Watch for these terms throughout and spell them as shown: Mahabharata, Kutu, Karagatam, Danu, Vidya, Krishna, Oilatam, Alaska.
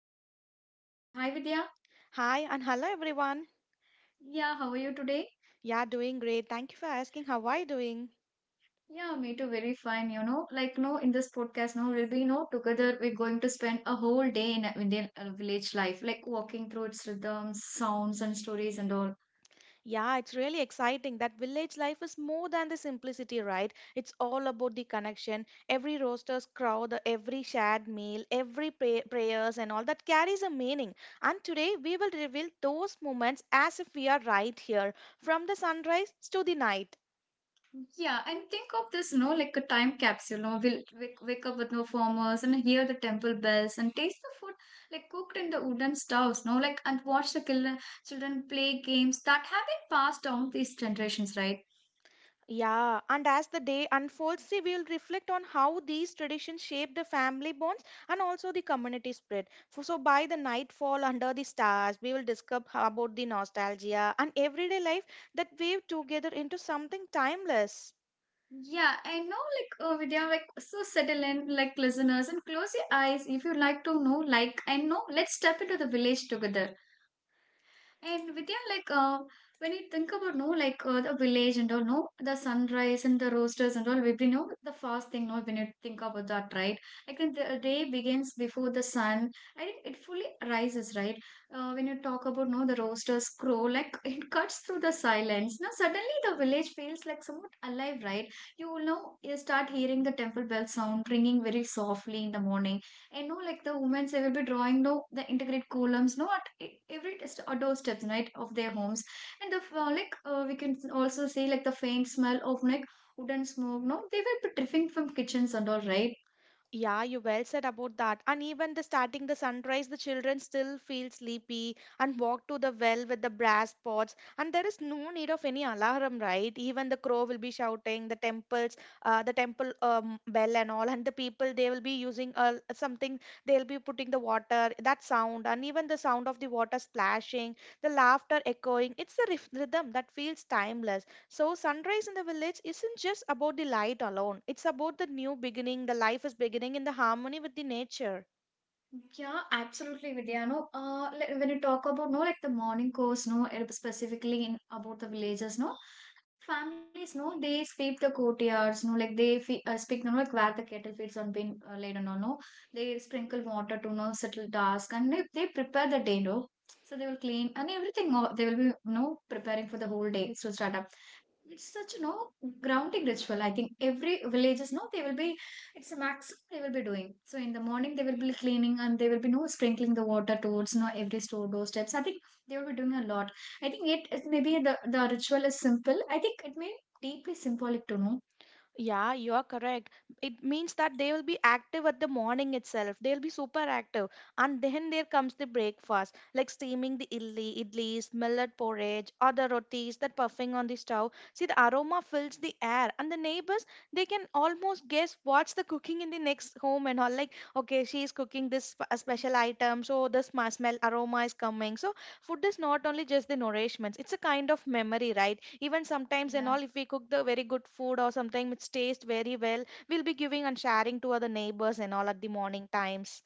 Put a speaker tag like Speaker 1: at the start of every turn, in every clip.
Speaker 1: my co-host signing in. Hi, Vidya.
Speaker 2: Hi and hello everyone.
Speaker 1: Yeah, how are you today?
Speaker 2: Yeah, doing great. Thank you for asking. How are you doing?
Speaker 1: Yeah, me too. Very fine. You know, like no, in this podcast, no, we'll be no together. We're going to spend a whole day in a Indian village life, like walking through its rhythms, sounds, and stories, and all.
Speaker 2: Yeah, it's really exciting that village life is more than the simplicity, right? It's all about the connection. Every roaster's crow, the every shared meal, every prayers and all that carries a meaning. And today we will reveal those moments as if we are right here, from the sunrise to the night.
Speaker 1: Yeah, and think of this, you know, like a time capsule. You know, we'll wake up with no farmers and hear the temple bells and taste the food like cooked in the wooden stoves, no, like and watch the children play games that have been passed down these generations, right?
Speaker 2: Yeah, and as the day unfolds, see, we will reflect on how these traditions shape the family bonds and also the community spirit. For, so, by the nightfall under the stars, we will discuss about the nostalgia and everyday life that weave together into something timeless.
Speaker 1: Yeah, I know, like Vidya, like so settle in, like listeners, and close your eyes if you like to know, like and know. Let's step into the village together. And Vidya, like when you think about no, like the village and all, no, the sunrise and the roosters and all, we you know the first thing, no, when you think about that, right? Like when the day begins before the sun, I think it fully rises, right? When you talk about no, the roosters crow, like it cuts through the silence. Now suddenly the village feels like somewhat alive, right? You will know, you start hearing the temple bell sound ringing very softly in the morning and no, like the women, they will be drawing no the integrate columns, no at every test or doorsteps, right, of their homes. And the like we can also see like the faint smell of like wooden smoke. No, they will be drifting from kitchens and all, right?
Speaker 2: Yeah, you well said about that. And even the starting the sunrise, the children still feel sleepy and walk to the well with the brass pots. And there is no need of any alarm, right? Even the crow will be shouting, the temples, the temple bell and all, and the people they will be using something. They'll be putting the water, that sound, and even the sound of the water splashing, the laughter echoing. It's a rhythm that feels timeless. So, sunrise in the village isn't just about the light alone, it's about the new beginning, the life is beginning in the harmony with the nature.
Speaker 1: Yeah, absolutely, Vidya. No, like when you talk about no, like the morning course, no, it was specifically in about the villages, no, families, no, they sweep the courtyards, no, like they fe speak, no, like where the cattle feeds on been laid, no, no, they sprinkle water to no settle dusk, and they prepare the day, no, so they will clean and everything. No, they will be no preparing for the whole day to start up. It's such, you know, grounding ritual. I think every villages, no, they will be, it's a maximum they will be doing. So in the morning, they will be cleaning and they will be, no, sprinkling the water towards, no, every store doorsteps. I think they will be doing a lot. I think it maybe the ritual is simple. I think it may deeply symbolic to know.
Speaker 2: Yeah, you are correct. It means that they will be active at the morning itself. They'll be super active. And then there comes the breakfast, like steaming the idlis, millet porridge, or the rotis that puffing on the stove. See, the aroma fills the air, and the neighbors, they can almost guess what's the cooking in the next home and all. Like, okay, she's cooking this a special item, so this smell aroma is coming. So food is not only just the nourishments, it's a kind of memory, right? Even sometimes and
Speaker 1: Yeah.
Speaker 2: all, if we cook the very good food or something which tastes very well, we'll be giving and sharing to other neighbors and all at the morning times.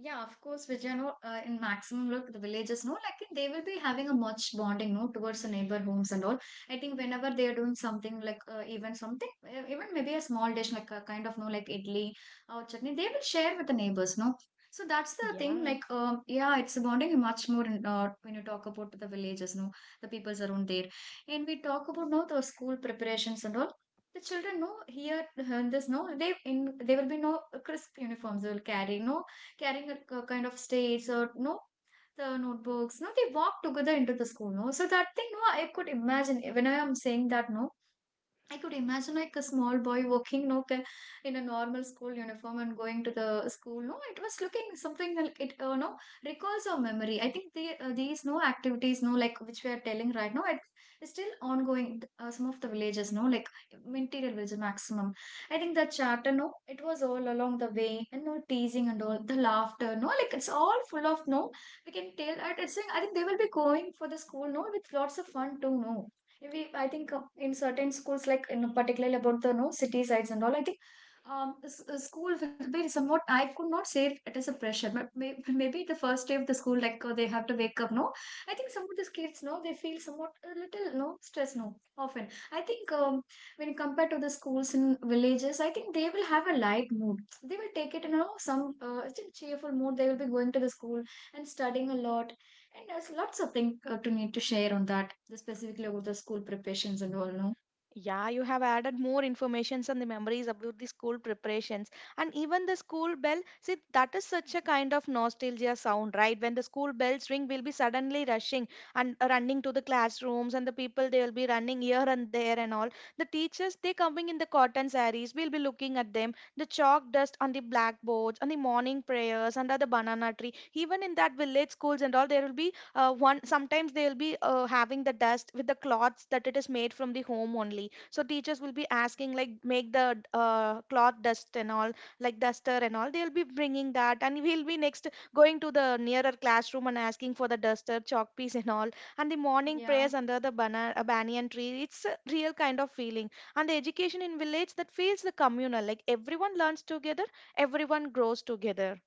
Speaker 1: Yeah, of course, Vijay, no, in maximum, look, the villagers know, like they will be having a much bonding, no, towards the neighbor homes and all. I think whenever they are doing something, like even something, even maybe a small dish, like a kind of, no, like idli or chutney, they will share with the neighbors, no. So that's the thing,
Speaker 2: Yeah.
Speaker 1: like, yeah, it's bonding much more in, when you talk about the villages, no, the peoples around there. And we talk about, no, the school preparations and all. The children know here, this no, they in they will be no crisp uniforms they will carry, no carrying a kind of states or no the notebooks no they walk together into the school no so that thing no I could imagine when I am saying that no I could imagine like a small boy walking no, in a normal school uniform and going to the school. No, it was looking something like it, no, recalls our memory. I think the, these no activities, no, like which we are telling right now, it's still ongoing. Some of the villages, no, like interior village maximum. I think the chatter, no, it was all along the way and no teasing and all the laughter, no, like it's all full of no. We can tell, I it's saying, I think they will be going for the school, no, with lots of fun too, no we I think in certain schools like in particularly about the no city sides and all I think school will be somewhat I could not say it, it is a pressure but may, maybe the first day of the school like they have to wake up no I think some of these kids no they feel somewhat a little no stress no often I think when compared to the schools in villages I think they will have a light mood they will take it in you know, some it's a cheerful mood they will be going to the school and studying a lot and there's lots of things to need to share on that, specifically about the school preparations and all, no?
Speaker 2: Yeah, you have added more informations and the memories about the school preparations and even the school bell. See, that is such a kind of nostalgia sound, right? When the school bells ring, we'll be suddenly rushing and running to the classrooms, and the people they will be running here and there and all. The teachers they coming in the cotton sarees. We'll be looking at them. The chalk dust on the blackboards, on the morning prayers under the banana tree. Even in that village schools and all, there will be one, sometimes they'll be having the dust with the cloths that it is made from the home only, so teachers will be asking like make the cloth dust and all, like duster and all, they'll be bringing that, and we'll be next going to the nearer classroom and asking for the duster chalk piece and all. And the morning
Speaker 1: Yeah.
Speaker 2: prayers under the banyan tree, it's a real kind of feeling. And the education in village that feels the communal, like everyone learns together, everyone grows together.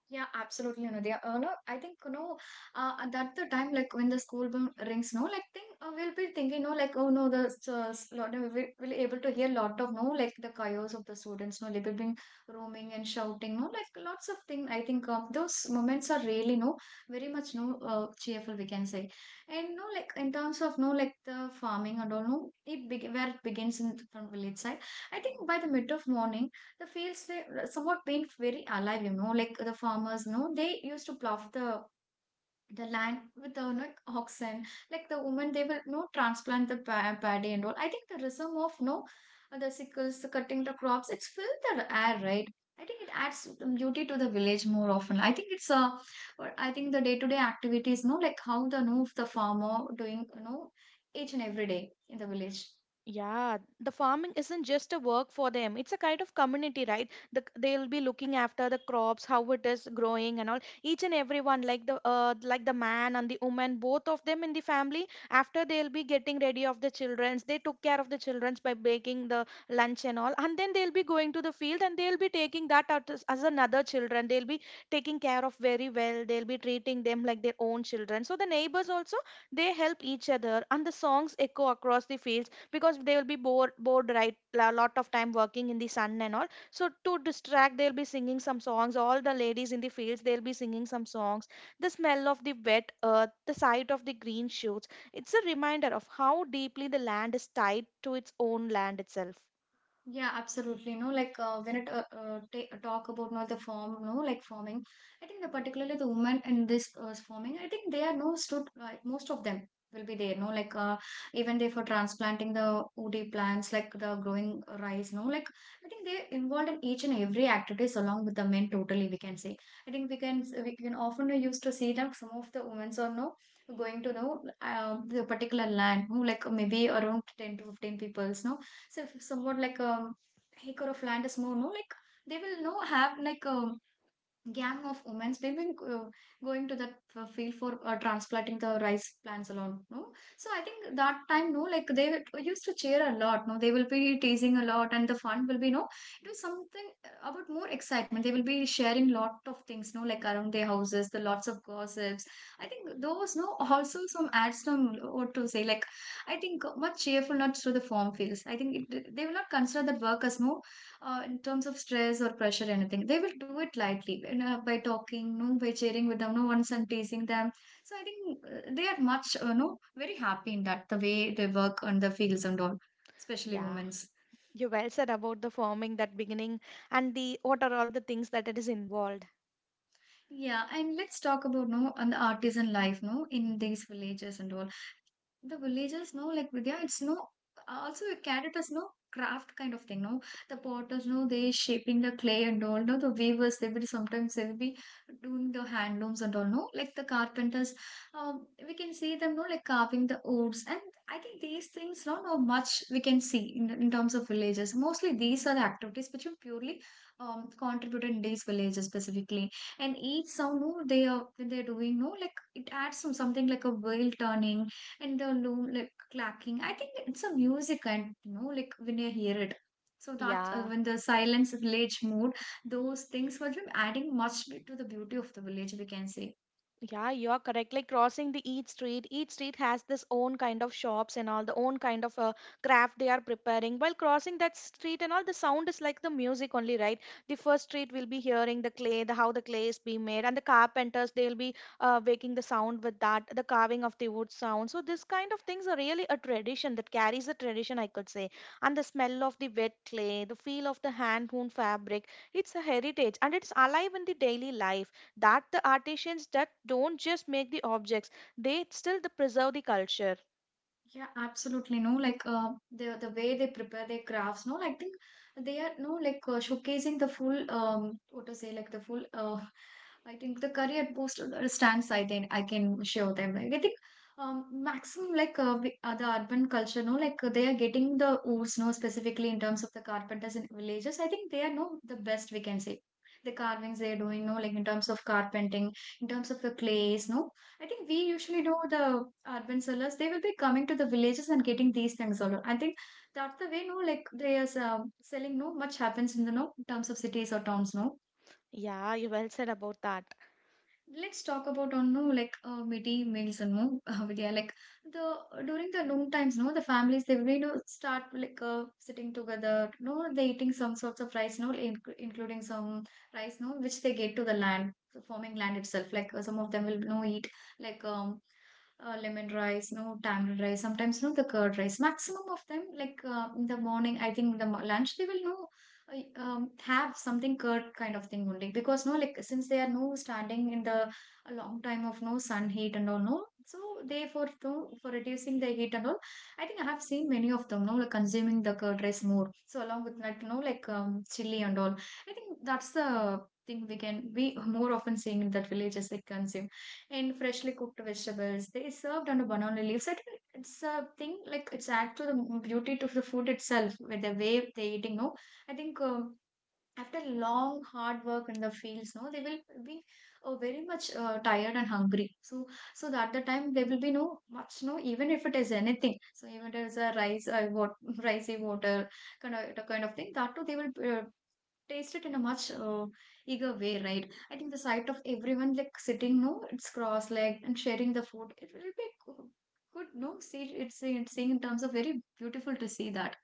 Speaker 1: Yeah, absolutely, Anudia. No, I think no. That the time like when the school bell rings, no, like thing we'll be thinking, no, like oh no, the lot of, we will able to hear lot of no, like the chaos of the students, no, they will be roaming and shouting, no, like lots of thing. I think those moments are really no, very much no, cheerful we can say, and no, like in terms of no, like the farming and all, no, it be where it begins in from village side. I think by the mid of morning the fields they somewhat been very alive you know like the farmers you know they used to plow the land with the you know, oxen like the women they will you know transplant the paddy and all I think the rhythm of you know the sickles the cutting the crops it's filled the air right I think it adds beauty to the village more often I think it's a or I think the day-to-day activities you know like how the you know, the farmer doing you know each and every day in the village.
Speaker 2: Yeah, the farming isn't just a work for them. It's a kind of community, right? The, they'll be looking after the crops, how it is growing, and all. Each and everyone, like the man and the woman, both of them in the family. After they'll be getting ready of the childrens, they took care of the childrens by baking the lunch and all, and then they'll be going to the field and they'll be taking that out as another children. They'll be taking care of very well. They'll be treating them like their own children. So the neighbors also they help each other, and the songs echo across the fields, because they will be bored, right? A lot of time working in the sun and all, so to distract they'll be singing some songs. All the ladies in the fields, they'll be singing some songs. The smell of the wet earth, the sight of the green shoots, it's a reminder of how deeply the land is tied to its own land itself.
Speaker 1: Yeah, absolutely. No, like when it ta talk about now the form, no, like forming. I think the particularly the women in this forming. I think they are no stood. Most of them will be there. No, like even they for transplanting the OD plants, like the growing rice. No, like I think they involved in each and every activities along with the men. Totally, we can say. I think we can often used to see that some of the women's are no going to know the particular land. No, like maybe around 10 to 15 peoples. No so if somewhat like a acre of land is more no like they will no have like gang of women we've uh, going to that field for transplanting the rice plants alone no so I think that time no like they used to cheer a lot no they will be teasing a lot and the fun will be no it was something about more excitement they will be sharing lot of things no like around their houses the lots of gossips I think those no also some adds some what to say like I think much cheerfulness to the farm fields I think it, they will not consider that work as no in terms of stress or pressure, anything, they will do it lightly you know, by talking, no, by cheering with them, no, once I'm teasing them. So I think they are much, no, very happy in that the way they work on the fields and all, especially
Speaker 2: Yeah,
Speaker 1: women's.
Speaker 2: you well said about the farming, that beginning and the what are all the things that it is involved.
Speaker 1: Yeah, and let's talk about no on the artisan life, no, in these villages and all. The villagers know, like Vidya, it's no also a carrot is no craft kind of thing, no? The potters know they shaping the clay and all, no? The weavers they will sometimes they will be doing the hand looms and all, no? Like the carpenters, we can see them, no, like carving the woods, and I think these things, no, no much we can see in terms of villages. Mostly these are the activities which are purely contributed in these villages specifically, and each sound, no, they are when they're doing, no, like it adds some something like a wheel turning and the loom like clacking. I think it's a music, and you know, like when you hear it. So that
Speaker 2: Yeah.
Speaker 1: when the silence village mood, those things were adding much to the beauty of the village, we can say.
Speaker 2: Yeah, you are correct. Like crossing the each street has this own kind of shops and all, the own kind of craft they are preparing. While crossing that street and all, the sound is like the music only, right? The first street will be hearing the clay, the how the clay is being made, and the carpenters they'll be making the sound with that, the carving of the wood sound. So this kind of things are really a tradition that carries a tradition, I could say. And the smell of the wet clay, the feel of the hand-woven fabric, it's a heritage and it's alive in the daily life, that the artisans that don't just make the objects, they still the preserve the culture.
Speaker 1: Yeah, absolutely. No, like the way they prepare their crafts. No, I think they are no like showcasing the full what to say like the full I think the career post stance I think I can show them. Like, I think maximum like the urban culture. No, like they are getting the oods. No, specifically in terms of the carpenters in villages. I think they are no the best we can say. The carvings they are doing. No, like in terms of carpenting, in terms of the clays. No. I think we usually know the urban sellers. They will be coming to the villages and getting these things all. I think that's the way. No, like they are selling. No, much happens in the no terms of cities or towns. No,
Speaker 2: Yeah, you well said about that.
Speaker 1: let's talk about on no like midday meals and no Vidya, like the during the noon times, no, the families they will start like sitting together, no, they eating some sorts of rice, no, including some rice, no, which they get to the land, farming land itself, like some of them will no eat like lemon rice, no, tamarind rice, sometimes no the curd rice. Maximum of them, like in the morning, I think in the lunch they will no have something curd kind of thing only because no like since they are no standing in the a long time of no sun heat and all, no, so they for for reducing the heat and all. I think I have seen many of them no like consuming the curd rice more so along with like no like chili and all. I think that's the thing we more often seeing in that villages they consume, and freshly cooked vegetables they served on a banana leaves. I think it's a thing like it's add to the beauty to the food itself with the way they eating, no. I think after long hard work in the fields, no, they will be very much tired and hungry. So that the time there will be no much, no, even if it is anything. So, even if it is a rice, what ricey water kind of thing, that too they will uh, taste it in a much eager way, right? I think the sight of everyone like sitting, no, it's cross-legged and sharing the food. It will be good, no, see, it's seeing in terms of very beautiful to see that.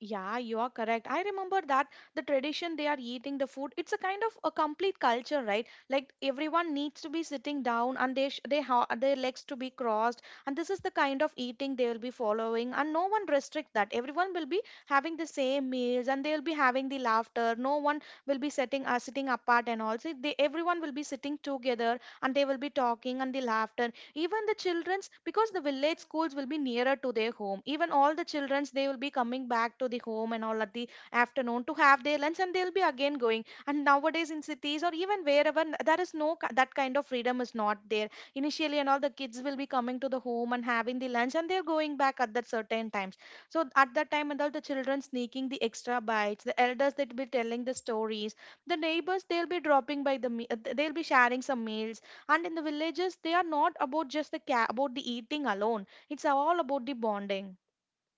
Speaker 2: Yeah, you are correct. I remember that the tradition they are eating the food, it's a kind of a complete culture, right? Like everyone needs to be sitting down and they their legs to be crossed, and this is the kind of eating they will be following, and no one restrict that. Everyone will be having the same meals, and they will be having the laughter. No one will be sitting sitting apart and all. See, they everyone will be sitting together, and they will be talking and the laughter, even the children's, because the village schools will be nearer to their home, even all the children's they will be coming back to the home and all at the afternoon to have their lunch and they'll be again going. And nowadays in cities or even wherever there is no that kind of freedom is not there. Initially and all the kids will be coming to the home and having the lunch and they're going back at that certain times. So at that time and all, the children sneaking the extra bites, the elders they'll be telling the stories, the neighbors they'll be dropping by, the they'll be sharing some meals, and in the villages they are not about just the about the eating alone, it's all about the bonding.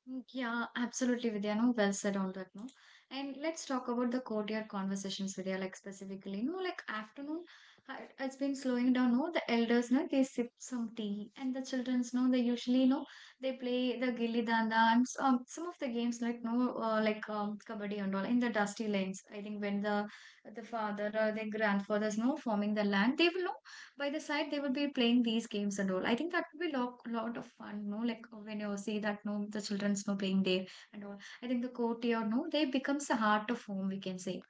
Speaker 1: Mm, yeah, absolutely, Vidya. No, well said on that. No, and let's talk about the courtyard conversations, Vidya. Like specifically, no, like afternoon, it's been slowing down. No, the elders, no, they sip some tea, and the childrens, no, they usually, no, they play the gilli danda and some of the games like no, like kabaddi and all in the dusty lanes. I think when the father or the grandfathers, no, forming the land, they will no, by the side they would be playing these games and all. I think that would be lot, lot of fun, no, like when you see that, no, the children's no playing there and all. I think the courtyard, no, they becomes the heart of home, we can say.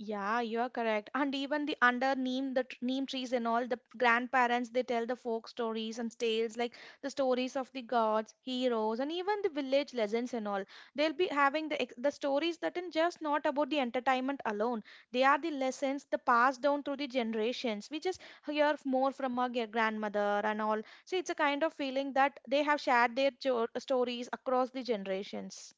Speaker 2: Yeah, you're correct. And even the under neem, the neem trees and all, the grandparents they tell the folk stories and tales, like the stories of the gods, heroes, and even the village legends and all. They'll be having the the stories that are just not about the entertainment alone. They are the lessons the passed down through the generations. We just hear more from our grandmother and all. So it's a kind of feeling that they have shared their stories across the generations.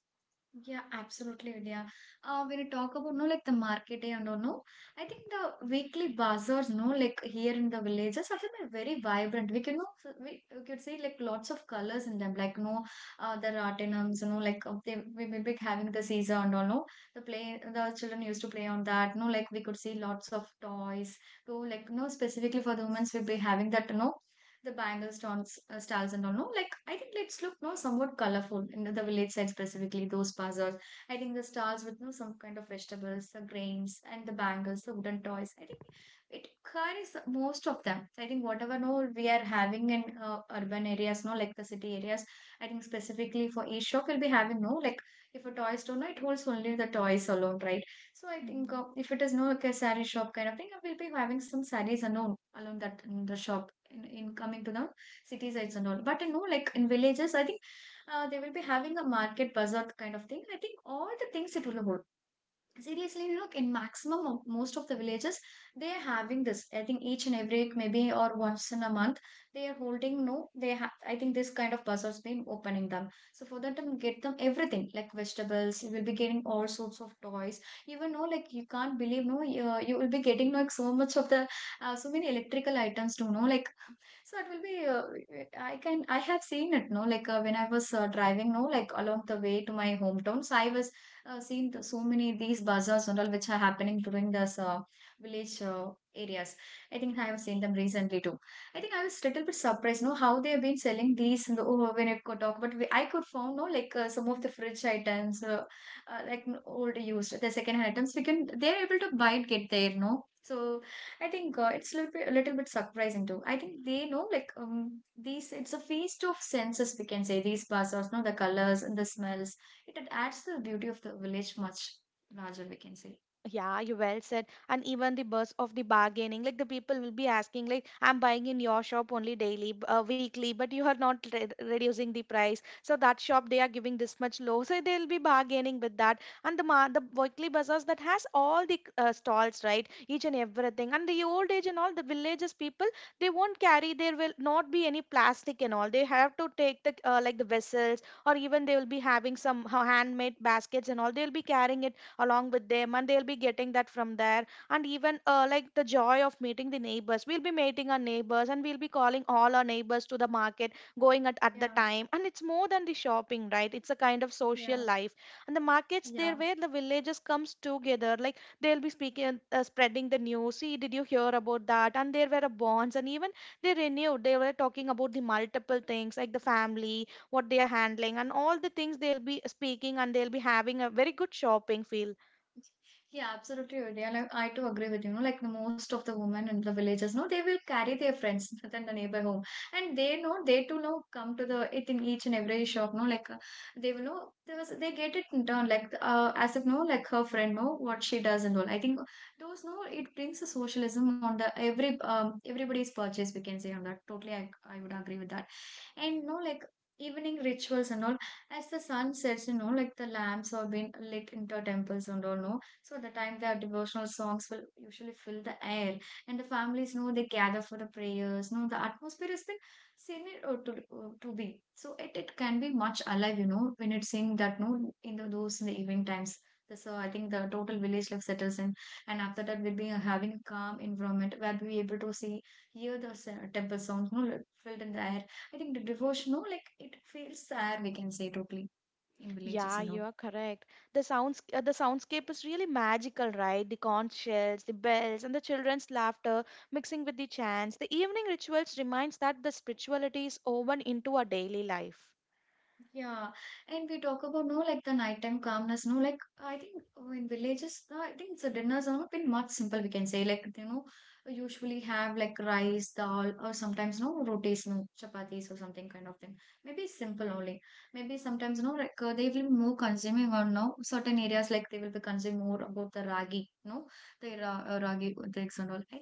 Speaker 1: Yeah, absolutely, Vidya. When you talk about no, like the market day and all, no, I think the weekly bazaars, no, like here in the villages, are like very vibrant. We can, no, we could see like lots of colors in them, like no, the ratinums, like they we will be having the Caesar and all, no, the play the children used to play on that, no, like we could see lots of toys. So like no, specifically for the women's, we'll be having that, no, the bangle stones, styles and all. No, like I think let's look no somewhat colorful in the village side, specifically those puzzles. I think the stars with no some kind of vegetables, the grains and the bangles, the wooden toys. I think it carries most of them. I think whatever no we are having in urban areas, no like the city areas. I think specifically for each shop will be having no like if a toy store, no it holds only the toys alone, right? So I think if it is no like a saree shop kind of thing, I will be having some saris alone that in the shop in coming to the city sides and all. But you know, like in villages, I think they will be having a market bazaar kind of thing. I think all the things it will hold. Seriously, look in maximum of most of the villages, they are having this. I think each and every week, maybe or once in a month, they are holding no. They have. I think this kind of bazaars been opening them. So for that, get them everything like vegetables. You will be getting all sorts of toys. Even no, like you can't believe, no. You will be getting like so much of the so many electrical items to know like so it will be. I can. I have seen it. No, like when I was driving. No, like along the way to my hometown. So I was seeing the, so many these bazaars and all which are happening during this village areas. I think I have seen them recently too. I think I was little bit surprised. No, how they have been selling these. In the, oh, when it could talk, but I could found no like some of the fridge items, like old used the second hand items. We can. They are able to buy it, get there. No. So I think it's a little bit surprising too. I think they know like these it's a feast of senses, we can say, these bazaars, no the colors and the smells. It adds to the beauty of the village much larger, we can say.
Speaker 2: Yeah, you well said. And even the buzz of the bargaining, like the people will be asking, like, I'm buying in your shop only daily, weekly, but you are not reducing the price. So that shop they are giving this much low, so they'll be bargaining with that. And the the weekly bazaars that has all the stalls, right? Each and everything. And the old age and all the villages people, they won't carry. There will not be any plastic and all. They have to take the like the vessels, or even they will be having some handmade baskets and all. They'll be carrying it along with them and they'll be getting that from there. And even like the joy of meeting the neighbors, we'll be meeting our neighbors and we'll be calling all our neighbors to the market, going at the
Speaker 1: Yeah,
Speaker 2: time, and it's more than the shopping, right? It's a kind of social
Speaker 1: yeah,
Speaker 2: life. And the markets there
Speaker 1: yeah.
Speaker 2: where the villagers comes together, like they'll be speaking spreading the news, see, did you hear about that, and there were a bonds, and even they renewed, they were talking about the multiple things like the family, what they are handling and all the things they'll be speaking, and they'll be having a very good shopping feel.
Speaker 1: Yeah, absolutely right. Yeah, like, I too agree with you. Know, like the most of the women in the villages, no, they will carry their friends than the neighbor home, and they know they too know come to the it in each and every shop. No, like they will know there was they get it done like as if no like her friend know what she does and all. I think those no it brings a socialism on the every everybody's purchase, we can say on that. Totally, I would agree with that, and no like. Evening rituals and all, as the sun sets, you know, like the lamps are being lit into temples and all, no, so at the time the devotional songs will usually fill the air, and the families know they gather for the prayers. No, the atmosphere has been seen it to to be so it can be much alive, you know, when it's seen that no in the, those in the evening times. The, so I think the total village life settles in, and after that we'll be having a calm environment where we'll be able to see hear the temple sounds, no, like, filled in the air. I think the devotion, no, like it fills the air. We can say totally in villages
Speaker 2: Yeah,
Speaker 1: and
Speaker 2: you
Speaker 1: all.
Speaker 2: are correct. The sounds, the soundscape is really magical, right? The conch shells, the bells, and the children's laughter mixing with the chants. The evening rituals reminds that the spirituality is woven into our daily life.
Speaker 1: Yeah, and we talk about no like the nighttime calmness, no like I think in villages, I think the dinners are been much simple. We can say like you know usually have like rice, dal, or sometimes no rotis, no chapatis or something kind of thing. Maybe simple only. Maybe sometimes no like they will be more consuming or no certain areas like they will be consuming more about the ragi, no the ra ragi drinks and all. I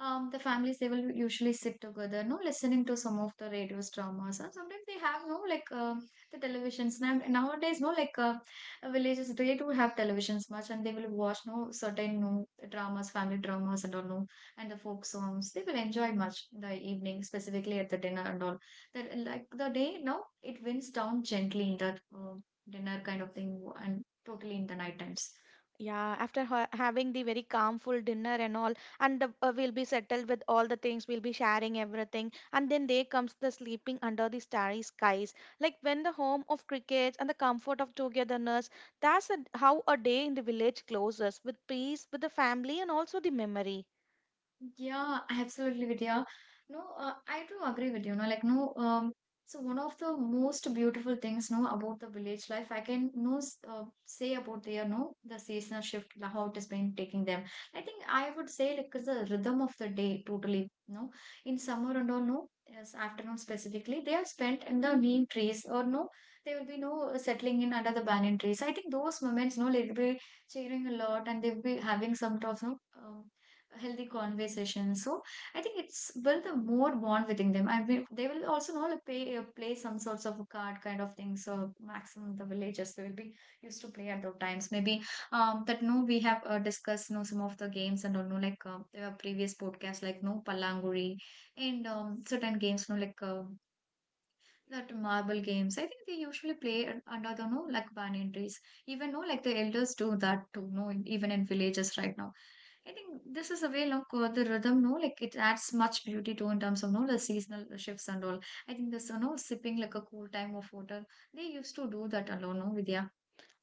Speaker 1: the families they will usually sit together no listening to some of the radios dramas and sometimes they have no like the televisions now nowadays no like villages they do have televisions much and they will watch no certain no dramas family dramas and all no and the folk songs they will enjoy much in the evening specifically at the dinner and all that like the day no it winds down gently in that dinner kind of thing and totally in the night times.
Speaker 2: Yeah, after ha having the very calmful dinner and all, and the, we'll be settled with all the things, we'll be sharing everything, and then there comes the sleeping under the starry skies. Like when the home of crickets and the comfort of togetherness, that's a, how a day in the village closes with peace, with the family, and also the memory.
Speaker 1: Yeah, absolutely, Vidya. No, I do agree with you. No, like no. So one of the most beautiful things, no, about the village life, I can no say about their no the seasonal shift, how it has been taking them. I think I would say like 'cause the rhythm of the day totally. No, in summer and all, no, as afternoon specifically, they are spent in the neem trees or no, they will be no settling in under the banyan trees. I think those moments, no, they'll be cheering a lot and they'll be having some talks, no. um, Healthy conversation. So I think it's build a more bond within them. I mean, they will also know like play some sorts of a card kind of thing. So maximum the villagers they will be used to play at those times. Maybe that no we have discussed no some of the games and all no like there were previous podcasts like no palanguri and certain games no like. That marble games. I think they usually play under the no like banyan trees. Even no like the elders do that too. No, even in villages right now. I think this is a way like the rhythm. No, like it adds much beauty to in terms of no the seasonal shifts and all. I think this you know sipping like a cool time of water. They used to do that alone. No, Vidya.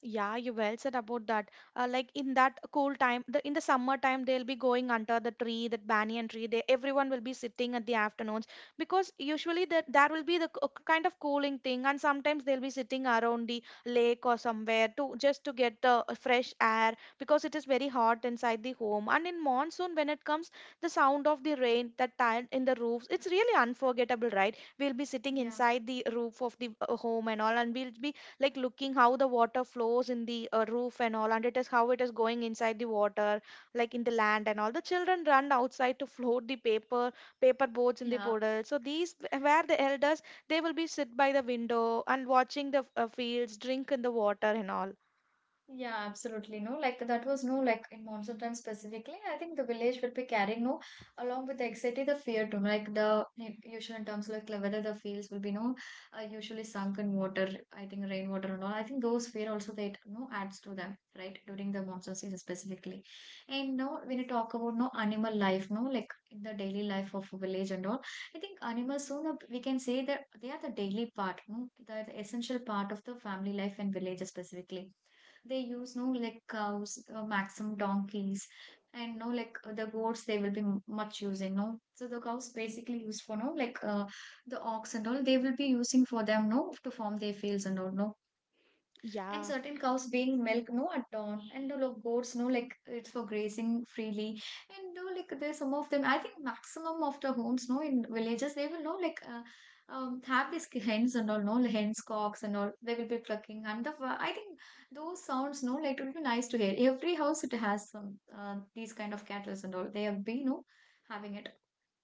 Speaker 2: Yeah, you well said about that. Like in that cool time, the in the summer time, they'll be going under the tree, that banyan tree. They everyone will be sitting at the afternoons because usually that there will be the kind of cooling thing, and sometimes they'll be sitting around the lake or somewhere to just to get the fresh air because it is very hot inside the home. And in monsoon, when it comes, the sound of the rain that tile in the roofs, it's really unforgettable, right? We'll be sitting
Speaker 1: Yeah.
Speaker 2: inside the roof of the home and all, and we'll be like looking how the water flows in the roof and all and it is how it is going inside the water like in the land and all the children run outside to float the paper boats in the
Speaker 1: Yeah.
Speaker 2: puddle. So these where the elders, they will be sit by the window and watching the fields drink in the water and all.
Speaker 1: Yeah, absolutely. No, like that was no, like in monsoon time specifically. I think the village will be carrying no, along with the anxiety, the fear too. No, like the usual in terms like whether the fields will be no, usually sunk in water. I think rainwater and all. I think those fear also that no adds to them, right? During the monsoon season specifically. And now when you talk about no animal life, no, like in the daily life of a village and all, I think animals soon we can say that they are the daily part, no, the essential part of the family life in villages specifically they use no like cows maximum donkeys and no like the goats they will be much using no so the cows basically used for no like the ox and all they will be using for them no to form their fields and all no and
Speaker 2: Yeah.
Speaker 1: certain cows being milk no at dawn and the like, goats no like it's for grazing freely and no like there's some of them I think maximum of the homes no in villages they will no like have these hens and all no like, hens cocks and all they will be clucking and the I think those sounds no like it would be nice to hear every house it has some these kind of cattle and all they have been no having it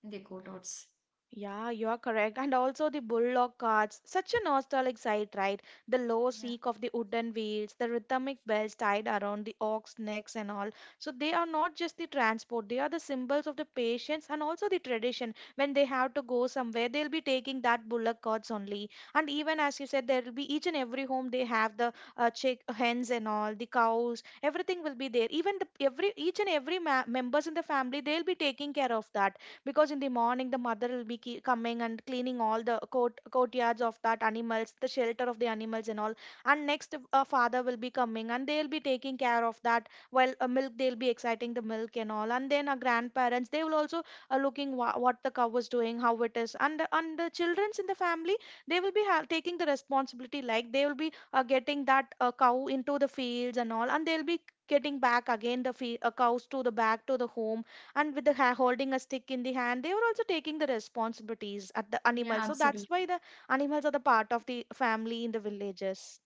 Speaker 1: in their courtyards.
Speaker 2: Yeah, you are correct. And also the bullock carts, such a nostalgic sight, right? The low
Speaker 1: Yeah,
Speaker 2: seek of the wooden wheels, the rhythmic bells tied around the ox necks and all. So they are not just the transport, they are the symbols of the patience and also the tradition. When they have to go somewhere, they'll be taking that bullock carts only. And even as you said, there will be each and every home they have the chick hens and all, the cows, everything will be there. Even the every each and every members in the family, they'll be taking care of that because in the morning the mother will be coming and cleaning all the courtyards of that animals, the shelter of the animals and all. And next, father will be coming and they'll be taking care of that, while milk they'll be exciting the milk and all. And then our grandparents, they will also looking what the cow is doing, how it is. And and the children's in the family, they will be taking the responsibility, like they will be getting that cow into the fields and all, and they'll be getting back again the cows to the back to the home. And with the holding a stick in the hand, they were also taking the responsibilities at the
Speaker 1: yeah,
Speaker 2: animals. So
Speaker 1: absolutely.
Speaker 2: that's why the animals are the part of the family in the villages.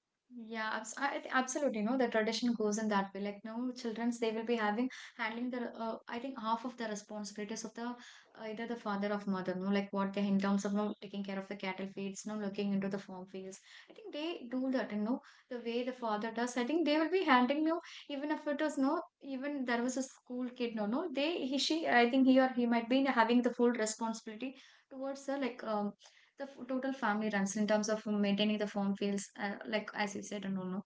Speaker 1: Yeah, abs I absolutely. No, the tradition goes in that way. Like, no, childrens they will be having handling the I think half of the responsibilities of the either the father of mother. No, like what they in terms of no taking care of the cattle fields, no looking into the farm fields. I think they do that. You know, the way the father does. I think they will be handling you even if it was no. Even there was a school kid. No, no, they he she. I think he or he might be having the full responsibility towards the like the total family runs in terms of maintaining the farm fields like as you said and all no.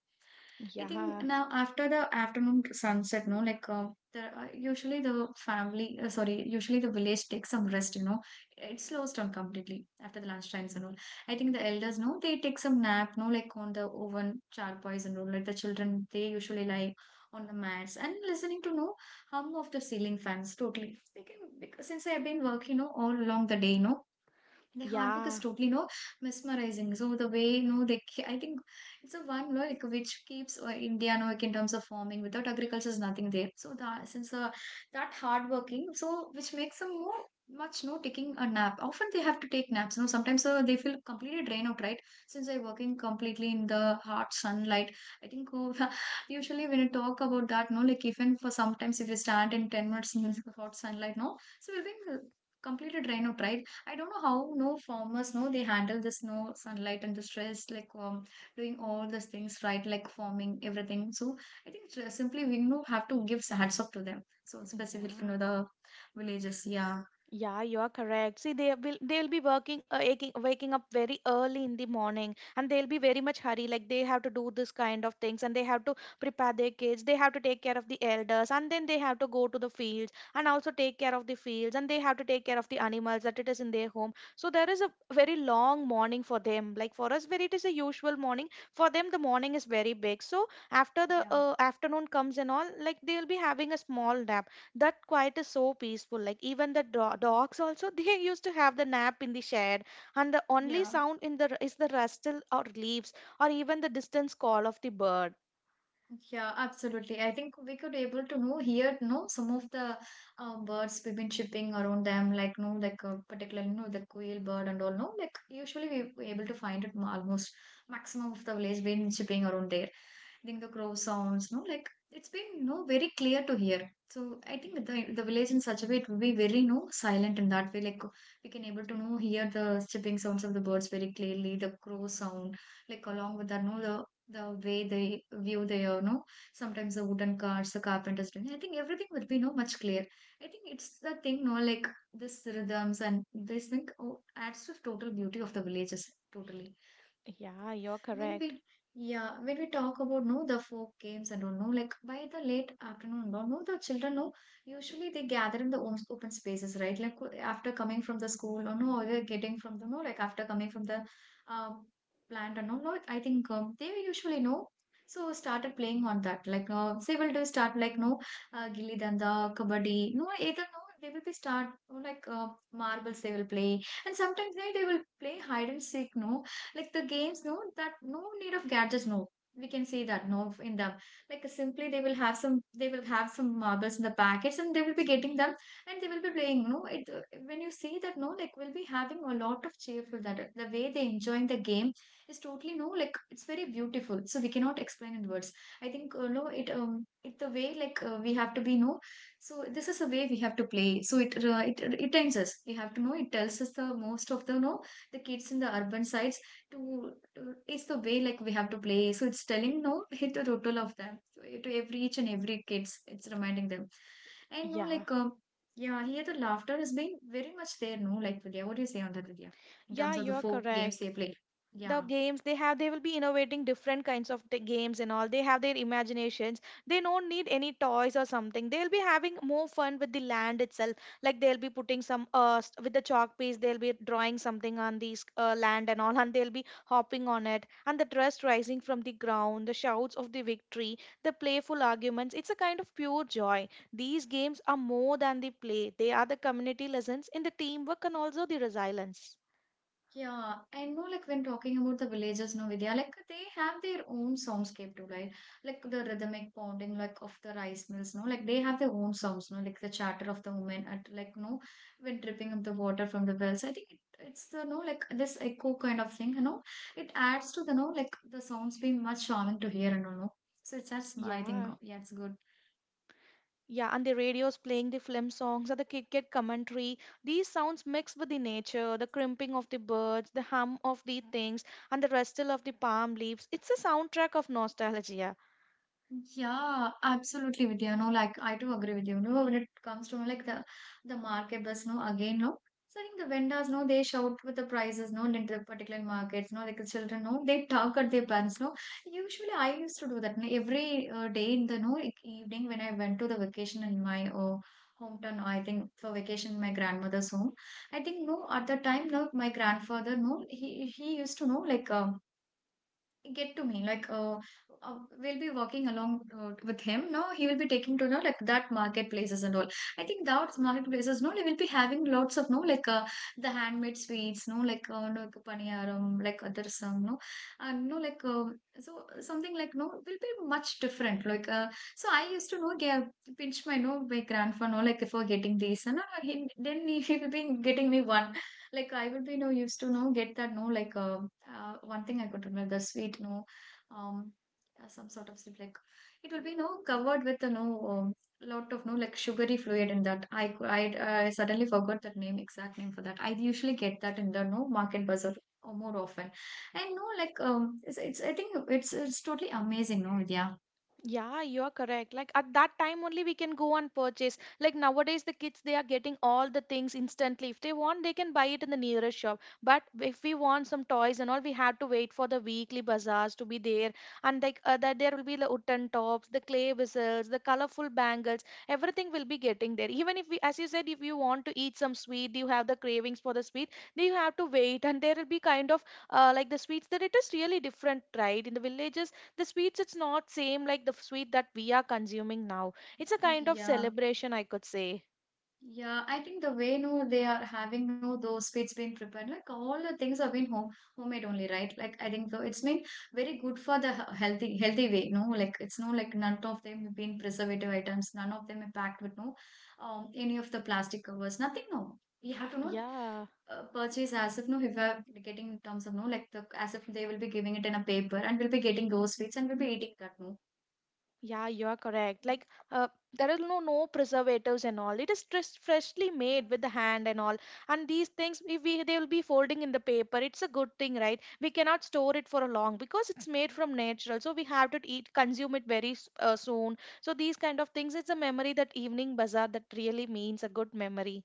Speaker 1: I think
Speaker 2: Yeah.
Speaker 1: now after the afternoon sunset no like the, usually the family sorry usually the village takes some rest you know it slows down completely after the lunch times and all. I think the elders no they take some nap no like on the oven charpoys and all like the children they usually lie on the mats and listening to no hum of the ceiling fans totally they can because since I've been working you know all along the day you know the hard work is
Speaker 2: Yeah.
Speaker 1: totally no mesmerizing. So the way no they I think it's a one no like which keeps India no like in terms of farming. Without agriculture is nothing there. So that since that hard working so which makes them more much no taking a nap. Often they have to take naps. No sometimes they feel completely drained out right since they're working completely in the hot sunlight. I think oh, usually when you talk about that no like even for sometimes if you stand in 10 minutes in hot sunlight no so we'll be completely drained out right. I don't know how no farmers know they handle this no sunlight, and the stress, like doing all these things right, like farming everything. So I think simply we know have to give hats off to them. So specifically, you
Speaker 2: Yeah.
Speaker 1: know, the villages. Yeah,
Speaker 2: Yeah, you are correct. See, they will they'll be working waking up very early in the morning and they'll be very much hurry. Like they have to do this kind of things and they have to prepare their kids, they have to take care of the elders, and then they have to go to the fields and also take care of the fields and they have to take care of the animals that it is in their home. So there is a very long morning for them. Like for us, where it is a usual morning, for them the morning is very big. So after the
Speaker 1: yeah,
Speaker 2: afternoon comes and all, like they'll be having a small nap. That quiet is so peaceful, like even the dogs also they used to have the nap in the shed, and the only
Speaker 1: yeah,
Speaker 2: sound in the is the rustle or leaves, or even the distance call of the bird.
Speaker 1: yeah. Absolutely. I think we could able to know here, you know, some of the birds we've been shipping around them, like no, like particularly, you know, the quail bird and all. No, like usually we able to find it almost maximum of the village been shipping around there. I think the crow sounds, no, like it's been no very clear to hear. So I think the village in such a way it will be very no silent in that way. Like we can able to know hear the chirping sounds of the birds very clearly, the crow sound, like along with that, no, the way they view their, no, sometimes the wooden carts, the carpenters doing. I think everything will be no much clear. I think it's the thing, no, like this rhythms and this thing oh, adds to the total beauty of the villages totally
Speaker 2: Yeah, you're
Speaker 1: when we.
Speaker 2: correct.
Speaker 1: Yeah, when we talk about no the folk games and all no like by the late afternoon no, the children no usually they gather in the open spaces right like after coming from the school or no or they're getting from the no like after coming from the um plant and all no I think they usually know so started playing on that like no they will do start like no gilli danda kabaddi no either no they will be start no, like marbles they will play and sometimes they will play hide and seek no like the games no that no need of gadgets no we can see that no in them like simply they will have some they will have some marbles in the packets and they will be getting them and they will be playing no it when you see that no like we'll be having a lot of cheerful that the way they enjoying the game is totally no like it's very beautiful so we cannot explain in words. I think no it it the way like we have to be no so this is the way we have to play so it it tells us we have to know it tells us the most of the no the kids in the urban sides to it's the way like we have to play. So it's telling no, hit the total of them. So to every each and every kids, it's reminding them. And no,
Speaker 2: Yeah.
Speaker 1: like yeah, here the laughter has been very much there. No, like Vidya, what do you say on that, Vidya? In
Speaker 2: Yeah,
Speaker 1: terms of the
Speaker 2: you're
Speaker 1: four games
Speaker 2: correct.
Speaker 1: they play.
Speaker 2: The
Speaker 1: Yeah.
Speaker 2: games they have, they will be innovating different kinds of the games and all. They have their imaginations, they don't need any toys or something. They'll be having more fun with the land itself, like they'll be putting some with the chalk piece, they'll be drawing something on these land and all and they'll be hopping on it, and the dust rising from the ground, the shouts of the victory, the playful arguments. It's a kind of pure joy. These games are more than the play, they are the community lessons in the teamwork and also the resilience.
Speaker 1: Yeah, I know like when talking about the villages no Vidya, like they have their own soundscape too, right? Like the rhythmic pounding like of the rice mills, no, like they have their own sounds, no, like the chatter of the women at like no when dripping up the water from the wells. I think it's the no like this echo kind of thing, you know. It adds to the no like the sounds being much charming to hear and all, no. So it's that's I think
Speaker 2: Yeah.
Speaker 1: yeah, it's good.
Speaker 2: Yeah, and the radio's playing the film songs or the cricket commentary. These sounds mixed with the nature, the crimping of the birds, the hum of the things, and the rustle of the palm leaves. It's a soundtrack of nostalgia.
Speaker 1: Yeah, absolutely, Vidya. No, like I do agree with you. No, when it comes to no, like the market bus, no, again, no. So I think the vendors, no, they shout with the prices, no, in the particular markets, no, like the children, no, they talk at their parents, no. Usually, I used to do that no, every day in the no like, evening when I went to the vacation in my hometown. I think for vacation in my grandmother's home. I think no, at the time, no, my grandfather, no, he used to know like. Get to me like, we'll be working along, with him, no, he will be taking to know like that marketplaces and all. I think that marketplaces, no, they will be having lots of, no, like, the handmade sweets, no, like, no, like paniyaram, like other some, no, and no, like, so, something like, no, will be much different, like, so I used to know get, pinch my, no, my grandpa, no, like for getting these. And then he will be getting me one. Like I will be, no, used to know get that, no, like, one thing I could remember, the sweet, no, um some sort of sweet, like it will be, no, covered with a, no, um, lot of, no, like sugary fluid in that. I cou- I suddenly forgot that name, exact name, for that I usually get that in the, no, market bazaar, or more often. And no, like it's, I think it's totally amazing, no. Yeah.
Speaker 2: Yeah, you are correct. Like at that time only we can go and purchase. Like nowadays the kids they are getting all the things instantly. If they want they can buy it in the nearest shop. But if we want some toys and all, we have to wait for the weekly bazaars to be there. And like, that there will be the wooden tops, the clay whistles, the colorful bangles, everything will be getting there. Even if we, as you said, if you want to eat some sweet, you have the cravings for the sweet, then you have to wait, and there will be kind of like the sweets that it is really different, right? In the villages, the sweets it's not same like the sweet that we are consuming now. It's a kind of
Speaker 1: Yeah.
Speaker 2: celebration, I could say.
Speaker 1: Yeah, I think the way, no, they are having, no, those foods being prepared, like all the things have been homemade only, right? Like I think though it's been very good for the healthy way, no, like it's, no, like none of them have been preservative items, none of them are packed with, no, any of the plastic covers, nothing, no. We have to not
Speaker 2: Yeah.
Speaker 1: purchase, as if, no, if we're getting in terms of, no, like the as if they will be giving it in a paper, and we'll be getting those sweets, and we'll be eating that, no.
Speaker 2: Yeah, you are correct. There is no preservatives and all, it is just freshly made with the hand and all. And these things, if we, they will be folding in the paper, it's a good thing, right? We cannot store it for a long because it's made from natural, so we have to eat consume it very soon. So these kind of things, it's a memory. That evening bazaar, that really means a good memory.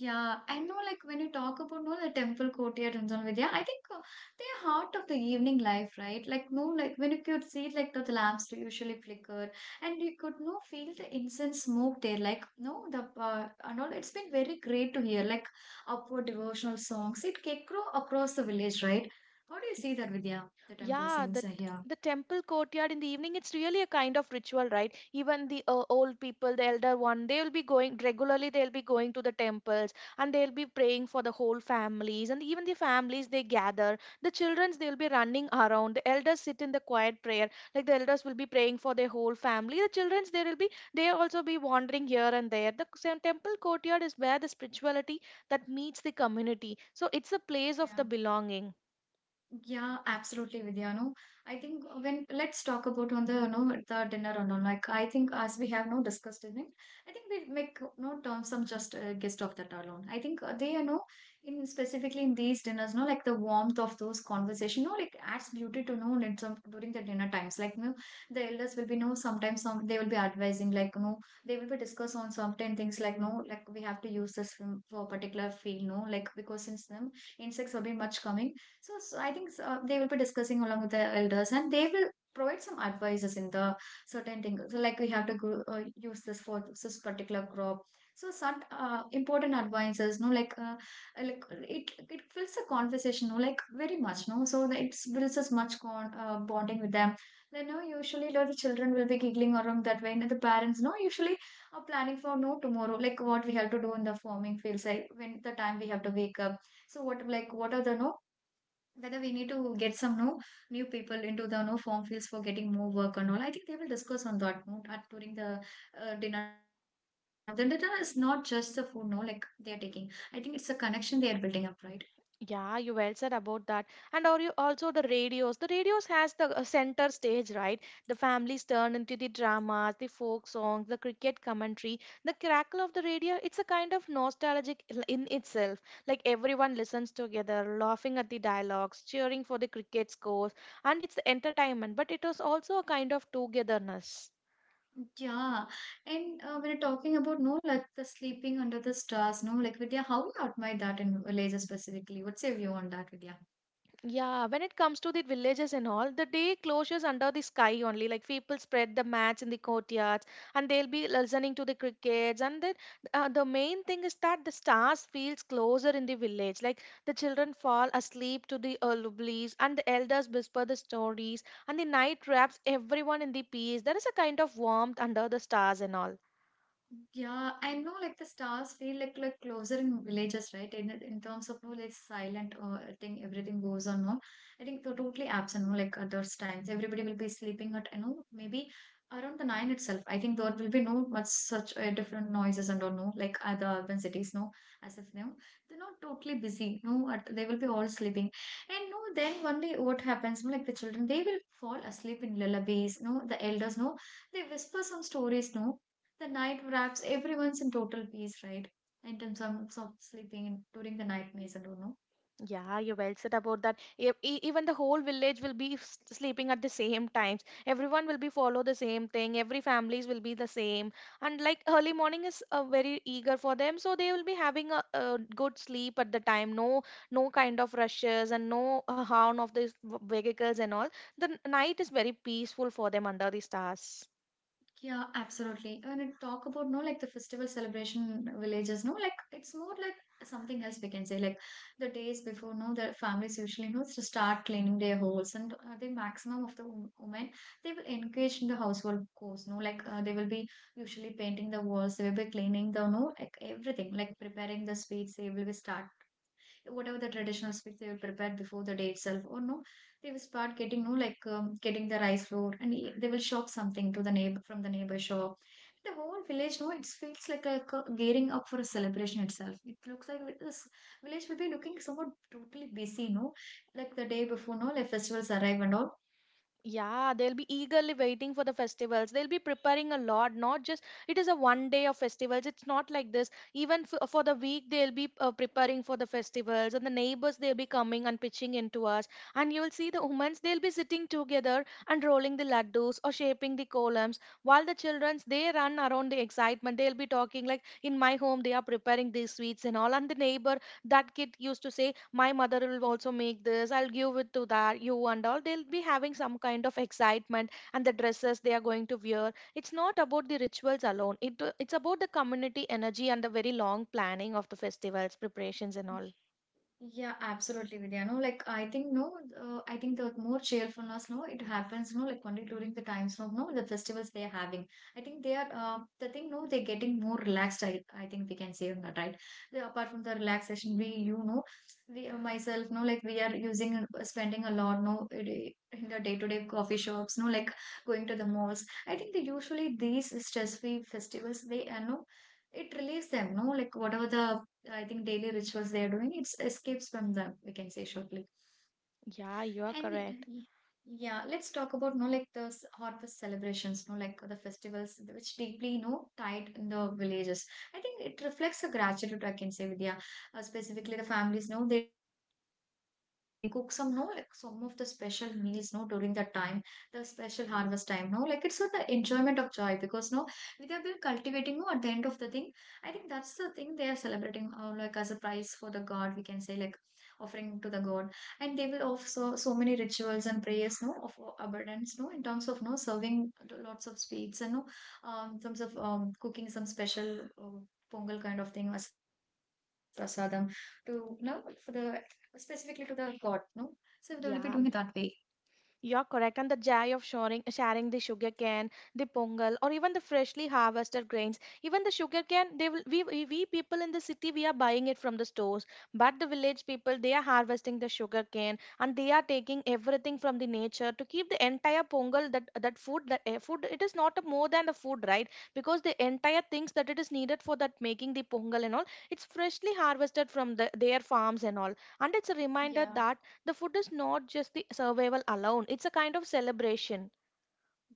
Speaker 1: Yeah, I know, like when you talk about, no, the temple courtyard and so on with, yeah, I think, they're heart of the evening life, right? Like, no, like when you could see like the lamps usually flickered, and you could, no, feel the incense smoke there. Like, no, the, and all. It's been very great to hear like upward devotional songs. It can grow across the village, right? How do you see that, Vidya, the temple
Speaker 2: Yeah,
Speaker 1: scenes
Speaker 2: the
Speaker 1: are here?
Speaker 2: temple courtyard in the evening, it's really a kind of ritual, right? Even the old people, the elder one, they'll be going regularly, they'll be going to the temples and they'll be praying for the whole families. And even the families, they gather. The childrens, they'll be running around. The elders sit in the quiet prayer. Like the elders will be praying for their whole family. The childrens, they will be, they also be wandering here and there. The same temple courtyard is where the spirituality that meets the community. So it's a place of the
Speaker 1: Yeah.
Speaker 2: belonging.
Speaker 1: Yeah, absolutely, Vidya. No, I think when let's talk about on the, you know, the dinner and all. Like I think as we have, no, discussed in it, I think we make, no, term some just guest of that alone. I think, they, you know, in specifically in these dinners, no, like the warmth of those conversation, no, like adds beauty to know in some during the dinner times. Like, no, the elders will be, no, sometimes some they will be advising, like, no, they will be discuss on certain things, like, no, like we have to use this for a particular field, no, like because since them insects have been much coming. So, I think so, they will be discussing along with the elders, and they will provide some advices in the certain things. So like we have to go, use this for this particular crop. So some important advices, no, like, like it fills the conversation, no, like very much, no. So that it builds us much con bonding with them. Then, no, usually the children will be giggling around that way, and the parents, no, usually are planning for, no, tomorrow, like what we have to do in the farming fields, like when the time we have to wake up. So what, like what are the, no, whether we need to get some, no, new people into the, no, form fields for getting more work and all. I think they will discuss on that, no, at during the dinner times. No, the dinner is not just the food, no, like they are taking. I think it's a connection they are building up, right?
Speaker 2: Yeah, you well said about that. And are you also the radios? The radios has the center stage, right? The families turn into the dramas, the folk songs, the cricket commentary. The crackle of the radio, it's a kind of nostalgic in itself. Like everyone listens together, laughing at the dialogues, cheering for the cricket scores, and it's entertainment, but it was also a kind of togetherness.
Speaker 1: Yeah. And, we're talking about, no, like the sleeping under the stars, no, like, Vidya, how we admire that in Malaysia specifically. What's your view on that, Vidya?
Speaker 2: Yeah, when it comes to the villages and all, the day closes under the sky only. Like people spread the mats in the courtyards and they'll be listening to the crickets. And then the main thing is that the stars feels closer in the village. Like the children fall asleep to the lullabies and the elders whisper the stories and the night wraps everyone in the peace. There is a kind of warmth under the stars and all.
Speaker 1: Yeah, I know like the stars feel like closer in villages, right? In terms of, no, like silent, thing, everything goes on, no. I think they're totally absent, no, like at those times. Everybody will be sleeping at, you know, maybe around the nine itself. I think there will be, no, much such, different noises and all, no, like other urban cities, no, as if, no, they're not totally busy, no, at, they will be all sleeping. And, no, then one day what happens, no, like the children, they will fall asleep in lullabies, no, the elders, no, they whisper some stories, no, the night wraps everyone's in total peace, right? In terms of sleeping in, during the night maze, I don't know.
Speaker 2: Yeah, you well said about that. Even the whole village will be sleeping at the same times. Everyone will be follow the same thing. Every families will be the same. And like early morning is very eager for them, so they will be having a good sleep at the time. No, no kind of rushes and no horn of these vehicles and all. The night is very peaceful for them under the stars.
Speaker 1: Yeah, absolutely. When I talk about, no, like the festival celebration villages, no, like it's more like something else, we can say. Like the days before, no, the families usually know to start cleaning their holes, and, the maximum of the women, they will engage in the household chores. No, like, they will be usually painting the walls, they will be cleaning the, no, like everything, like preparing the sweets. They will be start whatever the traditional sweets they will prepare before the day itself, or no, they will start getting, no, like, getting the rice flour, and they will shop something to the neighbor, from the neighbor shop. The whole village, no, it feels like a gearing up for a celebration itself, it looks like this village will be looking somewhat totally busy, no, like the day before, no, like festivals arrive and all.
Speaker 2: Yeah, they'll be eagerly waiting for the festivals. They'll be preparing a lot, not just it is a one day of festivals. It's not like this. Even for the week, they'll be preparing for the festivals, and the neighbors they'll be coming and pitching into us. And you will see the women's they'll be sitting together and rolling the laddus or shaping the columns, while the childrens they run around the excitement. They'll be talking like, "In my home, they are preparing these sweets and all," and the neighbor that kid used to say my mother will also make this, I'll give it to that you and all. They'll be having some kind of excitement and the dresses they are going to wear. It's not about the rituals alone, it's about the community energy and the very long planning of the festivals preparations and all.
Speaker 1: Yeah, absolutely, Vidya. No, like I think no, I think the more cheerfulness, no, it happens, no, like only during the times of, no, the festivals they are having. I think they are, the thing, no, they're getting more relaxed. I think we can say on that, right? The, apart from the relaxation, we, you know, we, myself, no, like we are using, spending a lot, no, in the day-to-day coffee shops, no, like going to the malls. I think they usually these stress-free festivals, they are no, it relieves them, no, like whatever the I think daily rituals they are doing, it escapes from them, we can say shortly.
Speaker 2: Yeah, you are
Speaker 1: And,
Speaker 2: correct.
Speaker 1: y- yeah, let's talk about, no, like those harvest celebrations, no, like the festivals which deeply, tied in the villages. I think it reflects a gratitude, I can say, Vidya. Specifically, the families know they decorate the cattle feeds. Now they cook some, no, like some of the special meals. No, during that time, the special harvest time. No, like it's for the enjoyment of joy, because no, Vidya will cultivating. No, at the end of the thing, I think that's the thing they are celebrating. Like as a prize for the god, we can say like offering to the god, and they will offer so many rituals and prayers, no, of, abundance, no, in terms of, no, serving lots of sweets and, no, in terms of, cooking some special, pongal kind of thing as prasadam, to, no, for the specifically to the god, no, so they will be doing it that
Speaker 2: Yeah.
Speaker 1: way.
Speaker 2: You're correct. And the joy of sharing, sharing the sugar cane, the pongal, or even the freshly harvested grains. Even the sugar cane, they will, we people in the city, we are buying it from the stores. But the village people, they are harvesting the sugar cane and they are taking everything from the nature to keep the entire pongal, that food, that food, it is not a more than the food, right? Because the entire things that it is needed for that making the pongal and all, it's freshly harvested from the, their farms and all. And it's a reminder
Speaker 1: Yeah.
Speaker 2: that the food is not just the survival alone, it's a kind of celebration.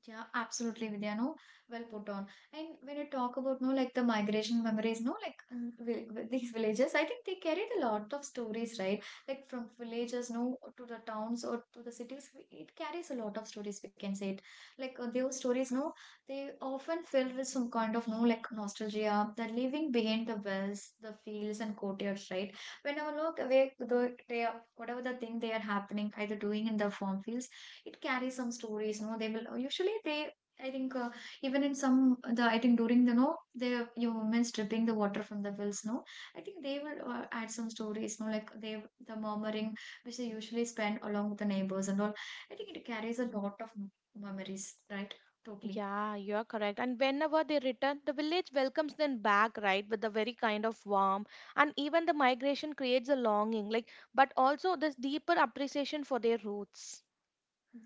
Speaker 1: Yeah, absolutely, Vidya. No, well put on. And when you talk about, no, like the migration memories, no, like, these villages, I think they carried a lot of stories, right? Like from villages, no, to the towns or to the cities, it carries a lot of stories. We can say it. Like, those stories, no, they often filled with some kind of, no, like nostalgia. The living behind the wells, the fields and courtyards, right? When I look away, the they are, whatever the thing they are happening, either doing in the farm fields, it carries some stories, no, they will usually they, I think, even in some the, I think during the, no, the you women stripping the water from the wells, no, I think they will, add some stories, no, like they the murmuring which they usually spend along with the neighbors and all. I think it carries a lot of memories, right? Totally.
Speaker 2: Yeah, you are correct. And whenever they return, the village welcomes them back, right, with a very kind of warmth. And even the migration creates a longing, like, but also this deeper appreciation for their roots.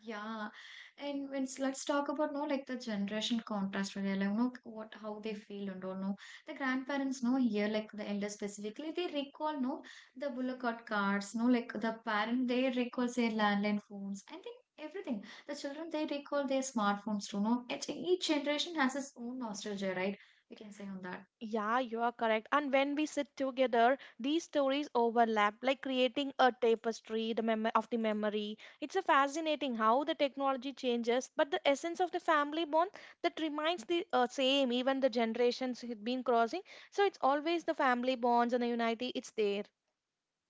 Speaker 1: Yeah, and when let's talk about, no, like the generation contrast where they're like, no, what how they feel and all, no, the grandparents, no, here like the elders specifically, they recall, no, the bullock cart cards, no, like the parent, they recall their landline phones. I think everything the children, they recall their smartphones too, no. Each generation has its own nostalgia, right? We can say on that.
Speaker 2: Yeah, you are correct. And when we sit together, these stories overlap, like creating a tapestry, the of the memory. It's a fascinating how the technology changes, but the essence of the family bond, that remains the same, even the generations it been crossing. So it's always the family bonds and the unity. It's there.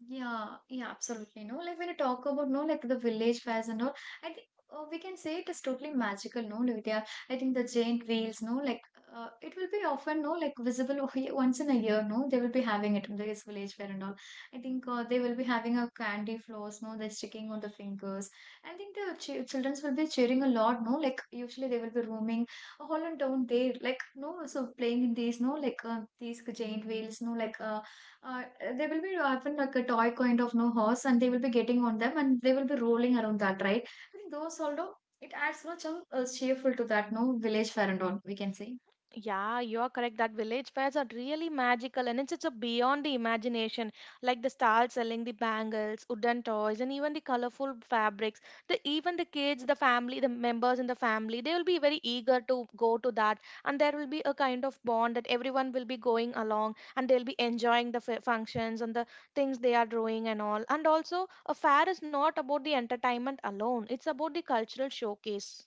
Speaker 1: Yeah, yeah, absolutely. No, like when you talk about, no, like the village fairs and all, I think we can say it is totally magical. No, Nitya, I think the giant wheels. No, like, it will be often, no, like visible once in a year. No, they will be having it in this village fair and all. I think, they will be having a candy floss. No, they're sticking on the fingers. I think the ch childrens will be cheering a lot. No, like usually they will be roaming all on down there, like no, so playing in these no, like these giant wheels. No, like uh, they will be having like a toy kind of no horse, and they will be getting on them, and they will be rolling around that, right? I think those although it adds much of cheerful to that no village fair and all we can say.
Speaker 2: Yeah, you are correct. That village fairs are really magical and it's a beyond the imagination. Like the stalls selling the bangles, wooden toys, and even the colorful fabrics. The even the kids, the family, the members in the family, they will be very eager to go to that. And there will be a kind of bond that everyone will be going along and they'll be enjoying the functions and the things they are doing and all. And also, a fair is not about the entertainment alone, it's about the cultural showcase.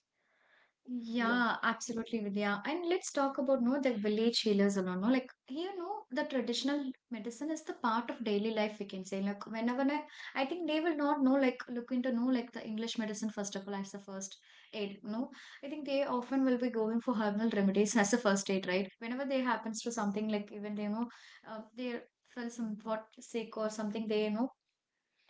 Speaker 2: Yeah.
Speaker 1: Yeah, absolutely, Vidya. And let's talk about no the village healers alone. No, like here, no, the traditional medicine is the part of daily life. We can say like whenever I think they will not know like look into no like the English medicine first of all as the first aid. No, I think they often will be going for herbal remedies as a first aid, right? Whenever they happens to something like even they know they feel somewhat sick or something, they you know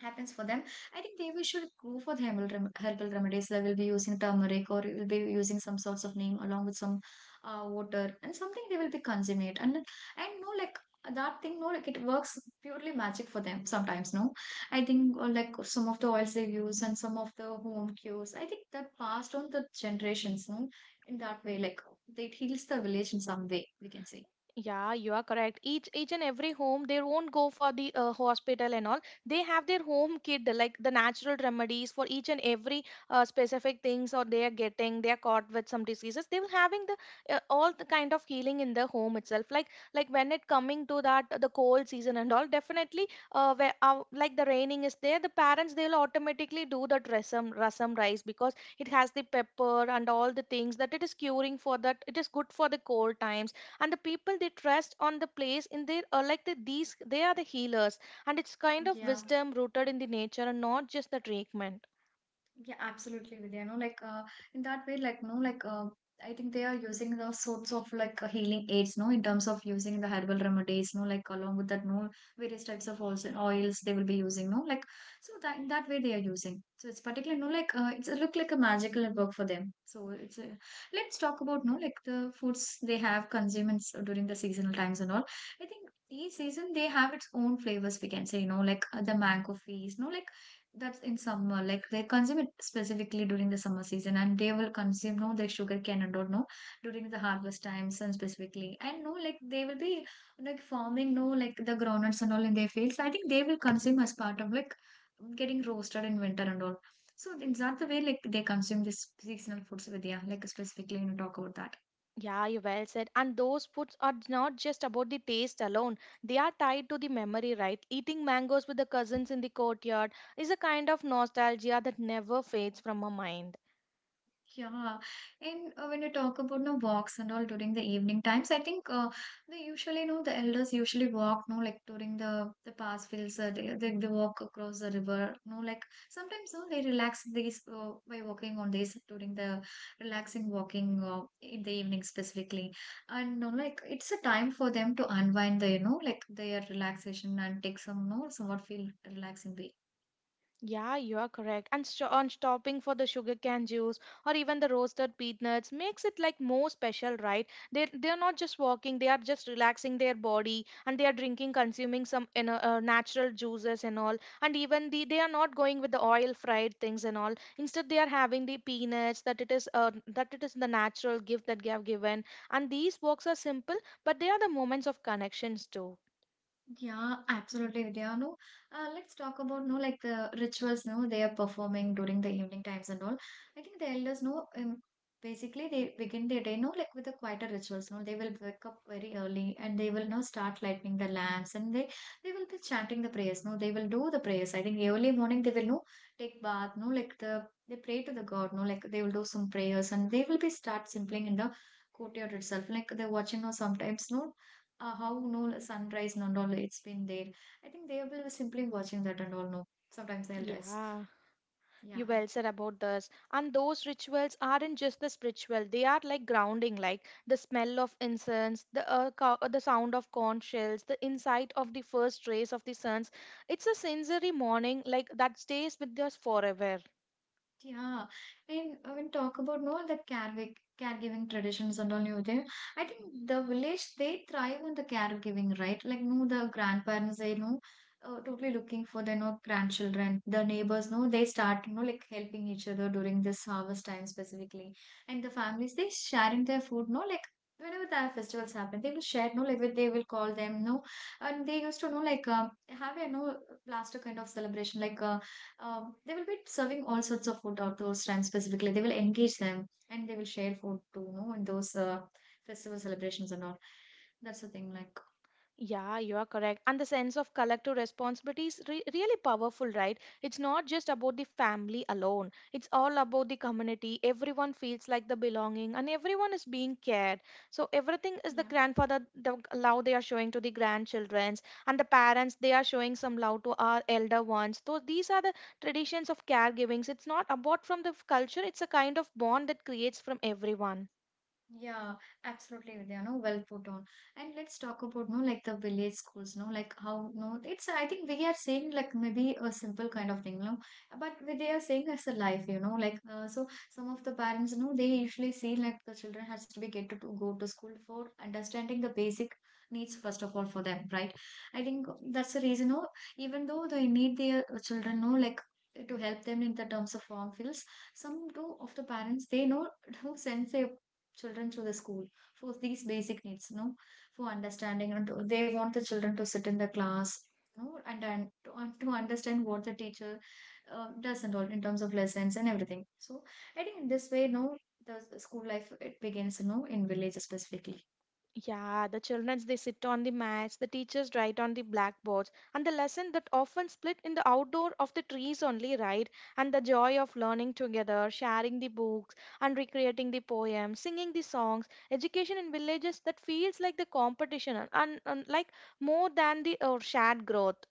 Speaker 1: happens for them. I think they will should go for the herbal remedies. They will be using turmeric or will be using some sorts of name along with some water and something. They will be consuming it, and no like that thing no like it works purely magic for them sometimes. No, I think like some of the oils they use and some of the home cures, I think that passed on the generations, no, in that way like it heals the village in some way, we can say.
Speaker 2: Yeah, you are correct. Each and every home, they won't go for the hospital and all. They have their home kit, like the natural remedies for each and every specific things, or they are getting, they are caught with some diseases. They will having the all the kind of healing in the home itself. Like when it coming to that the cold season and all, definitely, where like the raining is there, the parents they will automatically do the rasam rice because it has the pepper and all the things that it is curing for that. It is good for the cold times, and the people they trust on the place in their are like the, these they are the healers, and it's kind of
Speaker 1: Yeah.
Speaker 2: wisdom rooted in the nature and not just the treatment.
Speaker 1: Yeah, absolutely, Vidya. No, like in that way, like no, like I think they are using the sorts of like healing aids, no, in terms of using the herbal remedies, no, like along with that, no, various types of oils they will be using, no, like so that in that way they are using. So it's particularly no, like it's a look like a magical work for them. So it's a, let's talk about no, like the foods they have consumers during the seasonal times and all. I think. Each season they have its own flavors, we can say, you know, like the mango feast, no, like that's in summer. Like they consume it specifically during the summer season, and they will consume no the sugar cane and all no during the harvest times and specifically. And no, like they will be like farming no like the groundnuts and all in their fields. I think they will consume as part of like getting roasted in winter and all. So is that the way like they consume this seasonal foods, Vidya? Like specifically when you talk about that.
Speaker 2: Yeah, you well said, and those foods are not just about the taste alone, they are tied to the memory, right? Eating mangoes with the cousins in the courtyard is a kind of nostalgia that never fades from our mind.
Speaker 1: Yeah, and when you talk about no walks and all during the evening times, I think they usually know the elders usually walk no like during the pass fields. They walk across the river, no like sometimes no they relax these by walking on this during the relaxing walking in the evening specifically. And no like it's a time for them to unwind the you know like their relaxation and take some no somewhat feel relaxing.
Speaker 2: Yeah, you are correct. And on stopping for the sugarcane juice or even the roasted peanuts makes it like more special, right? They are not just walking; they are just relaxing their body and they are drinking, consuming some, natural juices and all. And even the they are not going with the oil fried things and all. Instead, they are having the peanuts that it is the natural gift that they have given. And these walks are simple, but they are the moments of connections too.
Speaker 1: Yeah, absolutely, Vidya. No, let's talk about no like the rituals. No, they are performing during the evening times and all. I think the elders know. Basically, they begin their day. No, like with the quieter rituals. No, they will wake up very early and they will now start lighting the lamps, and they will be chanting the prayers. No, they will do the prayers. I think early morning they will no take bath. No, like the they pray to the God. No, like they will do some prayers and they will be start simpling in the courtyard itself. Like they're watching, or sometimes no how no like sunrise and all it's been there. I think they will simply watching that and all, no, sometimes they'll rest.
Speaker 2: Yeah.
Speaker 1: Yeah.
Speaker 2: You well said about this. And those rituals aren't just the spiritual, they are like grounding, like the smell of incense, the the sound of corn shells, the insight of the first rays of the suns. It's a sensory morning like that stays with us forever.
Speaker 1: Yeah, and when talk about more the caregiving traditions and all new there, I think the village they thrive on the caregiving, right? Like no, the grandparents they know, totally looking for their no grandchildren. The neighbors know they start you know like helping each other during this harvest time specifically, and the families they sharing their food. No, like whenever the festivals happen, they will share. No, like they will call them. No, and they used to know like have a no plaster kind of celebration like. They will be serving all sorts of food at those times specifically. They will engage them and they will share food too, you know, in those festival celebrations and all. That's the thing, like,
Speaker 2: Yeah, you are correct. And the sense of collective responsibility is really powerful, right? It's not just about the family alone, it's all about the community. Everyone feels like the belonging and everyone is being cared. So, everything is the
Speaker 1: yeah.
Speaker 2: grandfather, the love they are showing to the grandchildrens, and the parents, they are showing some love to our elder ones. So, these are the traditions of caregivings. It's not about from the culture, it's a kind of bond that creates from everyone.
Speaker 1: Yeah, absolutely, Vidya. No, well put on. And let's talk about no, like the village schools. No, like how no, it's. I think we are saying like maybe a simple kind of thing. No, but we they are saying it's a life. You know, like so some of the parents. No, they usually see like the children has to be get to go to school for understanding the basic needs first of all for them, right? I think that's the reason. No, even though they need their children. No, like to help them in the terms of form fills. Some do of the parents they know who sense their children to the school for these basic needs, no, for understanding. And they want the children to sit in the class, no, and to understand what the teacher does and all in terms of lessons and everything. So I think in this way, no, the school life it begins, no, in villages specifically.
Speaker 2: Yeah, the children they sit on the mats, the teachers write on the blackboards, and the lesson that often split in the outdoor of the trees only, right? And the joy of learning together, sharing the books, and recreating the poems, singing the songs, education in villages that feels like the competition and like more than the shared growth.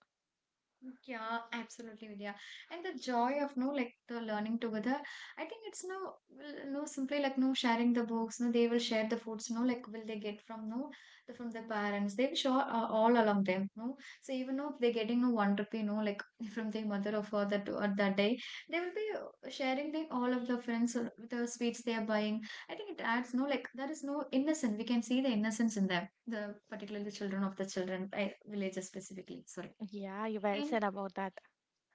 Speaker 1: Yeah, absolutely, Vidya. And the joy of no like the learning together. I think it's no well, no simply like no sharing the books. No, they will share the foods. No, like will they get from no from their parents? They will share all along them. No, so even though they're getting no one rupee, no like from their mother or father or that day, they will be sharing the all of the friends or the sweets they are buying. I think it adds no like there is no innocence. We can see the innocence in them. The particularly children of the children villages specifically. Sorry.
Speaker 2: Yeah, you well
Speaker 1: And
Speaker 2: said about that.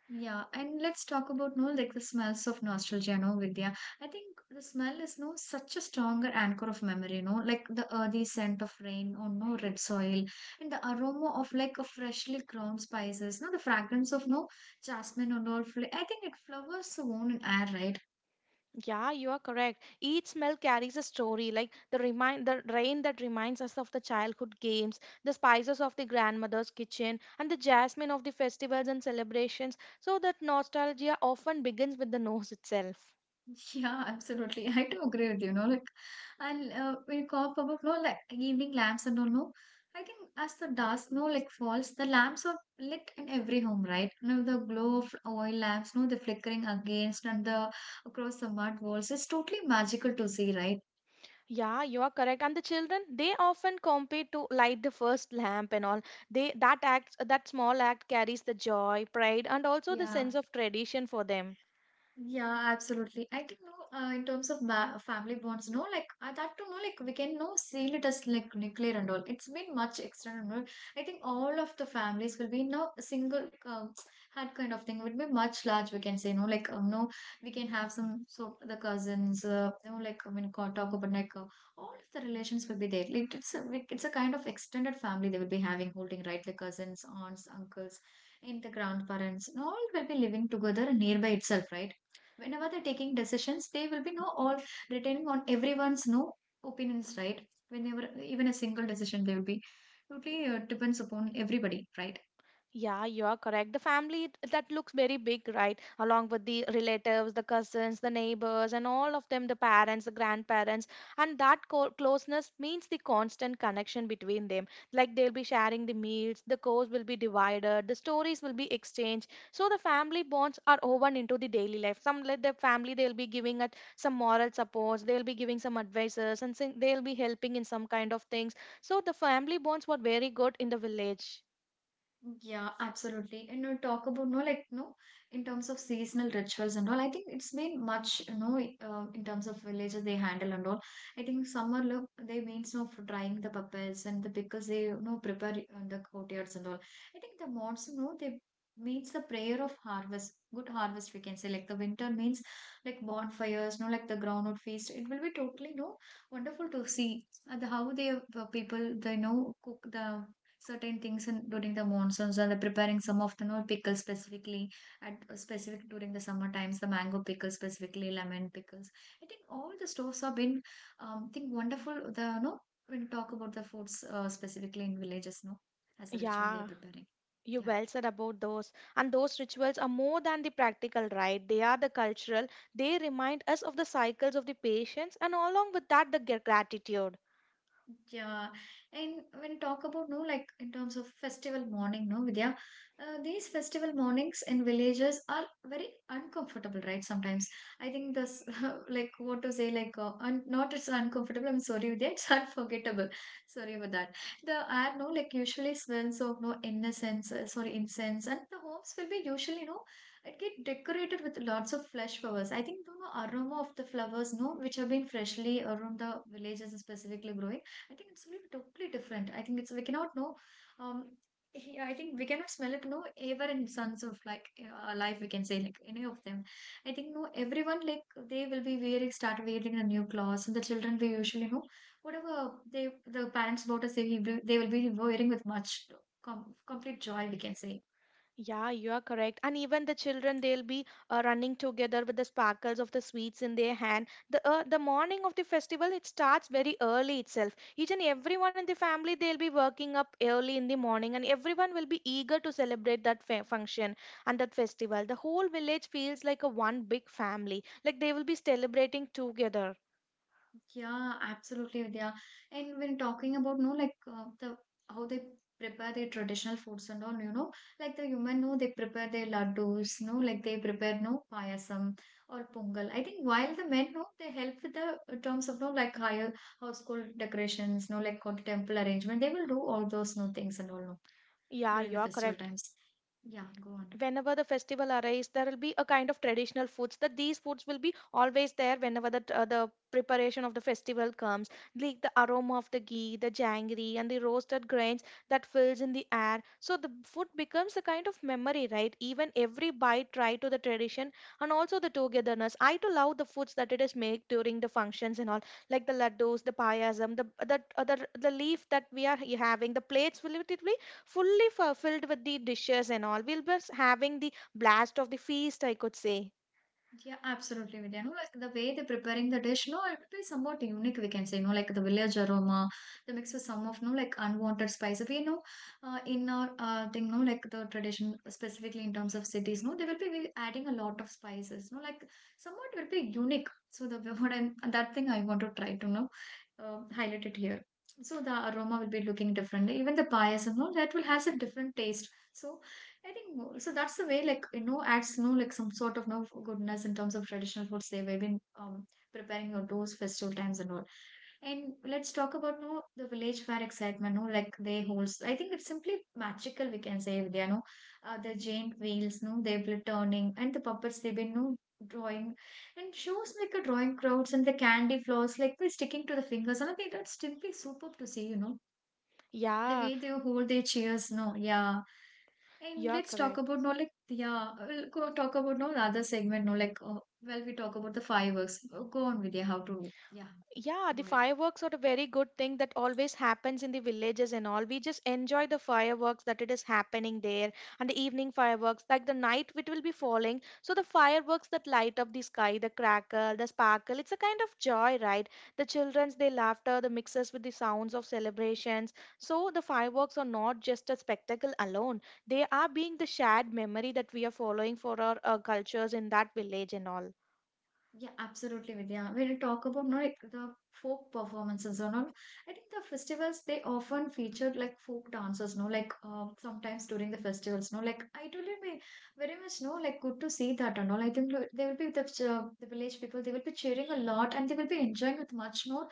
Speaker 1: yeah, and let's talk about no like the smells of nostalgia, no Vidya. I think the smell is no such a stronger anchor of memory, no like the earthy scent of rain or no red soil, and the aroma of like a freshly ground spices, no the fragrance of no jasmine or no. I think it flowers the own in air, right?
Speaker 2: Yeah, you are correct. Each smell carries a story, like the remind the rain that reminds us of the childhood games, the spices of the grandmother's kitchen, and the jasmine of the festivals and celebrations. So that nostalgia often begins with the nose itself.
Speaker 1: Yeah, absolutely. I do agree with you. No, like, and when you talk about no, like evening lamps and all, no, I think as the dusk no, like falls, the lamps are lit in every home, right? No, the glow of oil lamps, no, the flickering against and the across the mud walls is totally magical to see, right?
Speaker 2: Yeah, you are correct. And the children, they often compete to light the first lamp and all. They that act that small act carries the joy, pride, and also the
Speaker 1: Yeah.
Speaker 2: sense of tradition for them.
Speaker 1: Yeah, absolutely. I think no, in terms of ma family bonds, no, like that to no, like we can no seal it as like nuclear and all. It's been much external. No. I think all of the families will be no a single had kind of thing would be much large. We can say no, like no, we can have some so the cousins, you know, like I mean, talk about like all of the relations will be there. Like it's a kind of extended family they will be having, holding right, like cousins, aunts, uncles, and the grandparents, and all will be living together nearby itself, right? Whenever they're taking decisions they will be no all retaining on everyone's no opinions, right? Whenever even a single decision they will be totally depends upon everybody, right?
Speaker 2: Yeah, you are correct. The family that looks very big, right? Along with the relatives, the cousins, the neighbors, and all of them, the parents, the grandparents. And that closeness means the constant connection between them. Like they'll be sharing the meals, the course will be divided, the stories will be exchanged. So the family bonds are woven into the daily life. Some like the family, they'll be giving at some moral supports, they'll be giving some advices, and they'll be helping in some kind of things. So the family bonds were very good in the village.
Speaker 1: Yeah, absolutely. And you know, talk about no, like no, in terms of seasonal rituals and all. I think it's been much, you know, in terms of villages they handle and all. I think summer look they means no for drying the puppets and the because they you know prepare the courtyards and all. I think the monsoon, no, they means the prayer of harvest, good harvest we can say. Like the winter means like bonfires, no, like the groundnut feast. It will be totally no wonderful to see the how they people they know cook the certain things in, during the monsoons or they're preparing some of the pickles specifically at specific during the summer times the mango pickles specifically lemon pickles. I think all the stores have been think wonderful the when you talk about the foods specifically in villages no as a ritual they're
Speaker 2: Yeah.
Speaker 1: preparing.
Speaker 2: You
Speaker 1: Yeah.
Speaker 2: well said about those. And those rituals are more than the practical, right? They are the cultural. They remind us of the cycles of the patience and along with that, the gratitude.
Speaker 1: Yeah, and when talk about no, like in terms of festival morning, no, Vidya, these festival mornings in villages are very uncomfortable, right? Sometimes I think this, like, what to say, like, un not it's uncomfortable. I'm sorry, Vidya, it's unforgettable. Sorry about that. The air, no, like, usually smells of no innocence, sorry, incense, and the homes will be usually, no, it get decorated with lots of fresh flowers. I think the no, aroma of the flowers, no, which have been freshly around the villages specifically growing. I think it's really totally different. I think it's we cannot know. Um, he, I think we cannot smell it. No, ever in sons of like life, we can say like any of them. I think no, everyone like they will be wearing start wearing the new clothes, and the children we usually know whatever they the parents bought us, they will be wearing with much complete joy, we can say.
Speaker 2: Yeah, you are correct. And even the children, they'll be running together with the sparkles of the sweets in their hand. The morning of the festival, it starts very early itself. Each and everyone in the family, they'll be working up early in the morning, and everyone will be eager to celebrate that function and that festival. The whole village feels like a one big family, like they will be celebrating together.
Speaker 1: Yeah, absolutely, Vidya. And when talking about, no, like the how they prepare their traditional foods and all, you know, like the human, no, they prepare their laddus, no, like they prepare no payasam or pongal. I think while the men, no, they help with the terms of no, like higher household decorations, no, like or temple arrangement. They will do all those no things and all, no,
Speaker 2: Yeah,
Speaker 1: during
Speaker 2: you
Speaker 1: the
Speaker 2: are
Speaker 1: festival
Speaker 2: correct.
Speaker 1: times. Yeah, go on.
Speaker 2: Whenever the festival arrives, there will be a kind of traditional foods that these foods will be always there whenever the preparation of the festival comes, like the aroma of the ghee, the janggery, and the roasted grains that fills in the air. So the food becomes a kind of memory, right? Even every bite try to the tradition and also the togetherness. I too love the foods that it is made during the functions and all, like the laddus, the payasam, the leaf that we are having, the plates will it will fully fulfilled with the dishes and all. We'll be having the blast of the feast, I could say.
Speaker 1: Yeah, absolutely, Vidya. No, like the way they're preparing the dish, no, it would be somewhat unique, we can say, no, like the village aroma, the mix with some of, no, like unwanted spices. We know in our thing, no, like the tradition, specifically in terms of cities, no, they will be adding a lot of spices, no, like somewhat will be unique. So, the what I that thing I want to try to, know, highlight it here. So, the aroma will be looking different. Even the payasam, no, that will have some different taste. So, I think so. That's the way, like you know, adds no like some sort of no goodness in terms of traditional foods. They have been preparing your those festival times and all. And let's talk about no the village fair excitement. No, like they holds. I think it's simply magical, we can say there. No, the giant wheels. No, they've been turning and the puppets. They've been no drawing and shows like a drawing crowds and the candy floors like they're sticking to the fingers. And I think that's simply superb to see. You know the
Speaker 2: Yeah,
Speaker 1: way they hold their cheers. No, yeah, and
Speaker 2: you're
Speaker 1: let's talk
Speaker 2: correct.
Speaker 1: about no like yeah, we'll go talk about no the other segment no like well we talk about the fireworks. Go on with yeah, how to yeah,
Speaker 2: Yeah, the
Speaker 1: go ahead.
Speaker 2: fireworks are a very good thing that always happens in the villages and all. We just enjoy the fireworks that it is happening there. And the evening fireworks, like the night it will be falling. So the fireworks that light up the sky, the crackle, the sparkle, it's a kind of joy, right? The children's they laughter, the mixes with the sounds of celebrations. So the fireworks are not just a spectacle alone. They are being the shared memory that we are following for our cultures in that village and all.
Speaker 1: Yeah, absolutely, Vidya. When you talk about no, like the folk performances or not, I think the festivals they often featured like folk dancers, no, like sometimes during the festivals, no, like it will be very much no, like good to see that and all. I think like, they will be the village people, they will be cheering a lot and they will be enjoying with much more,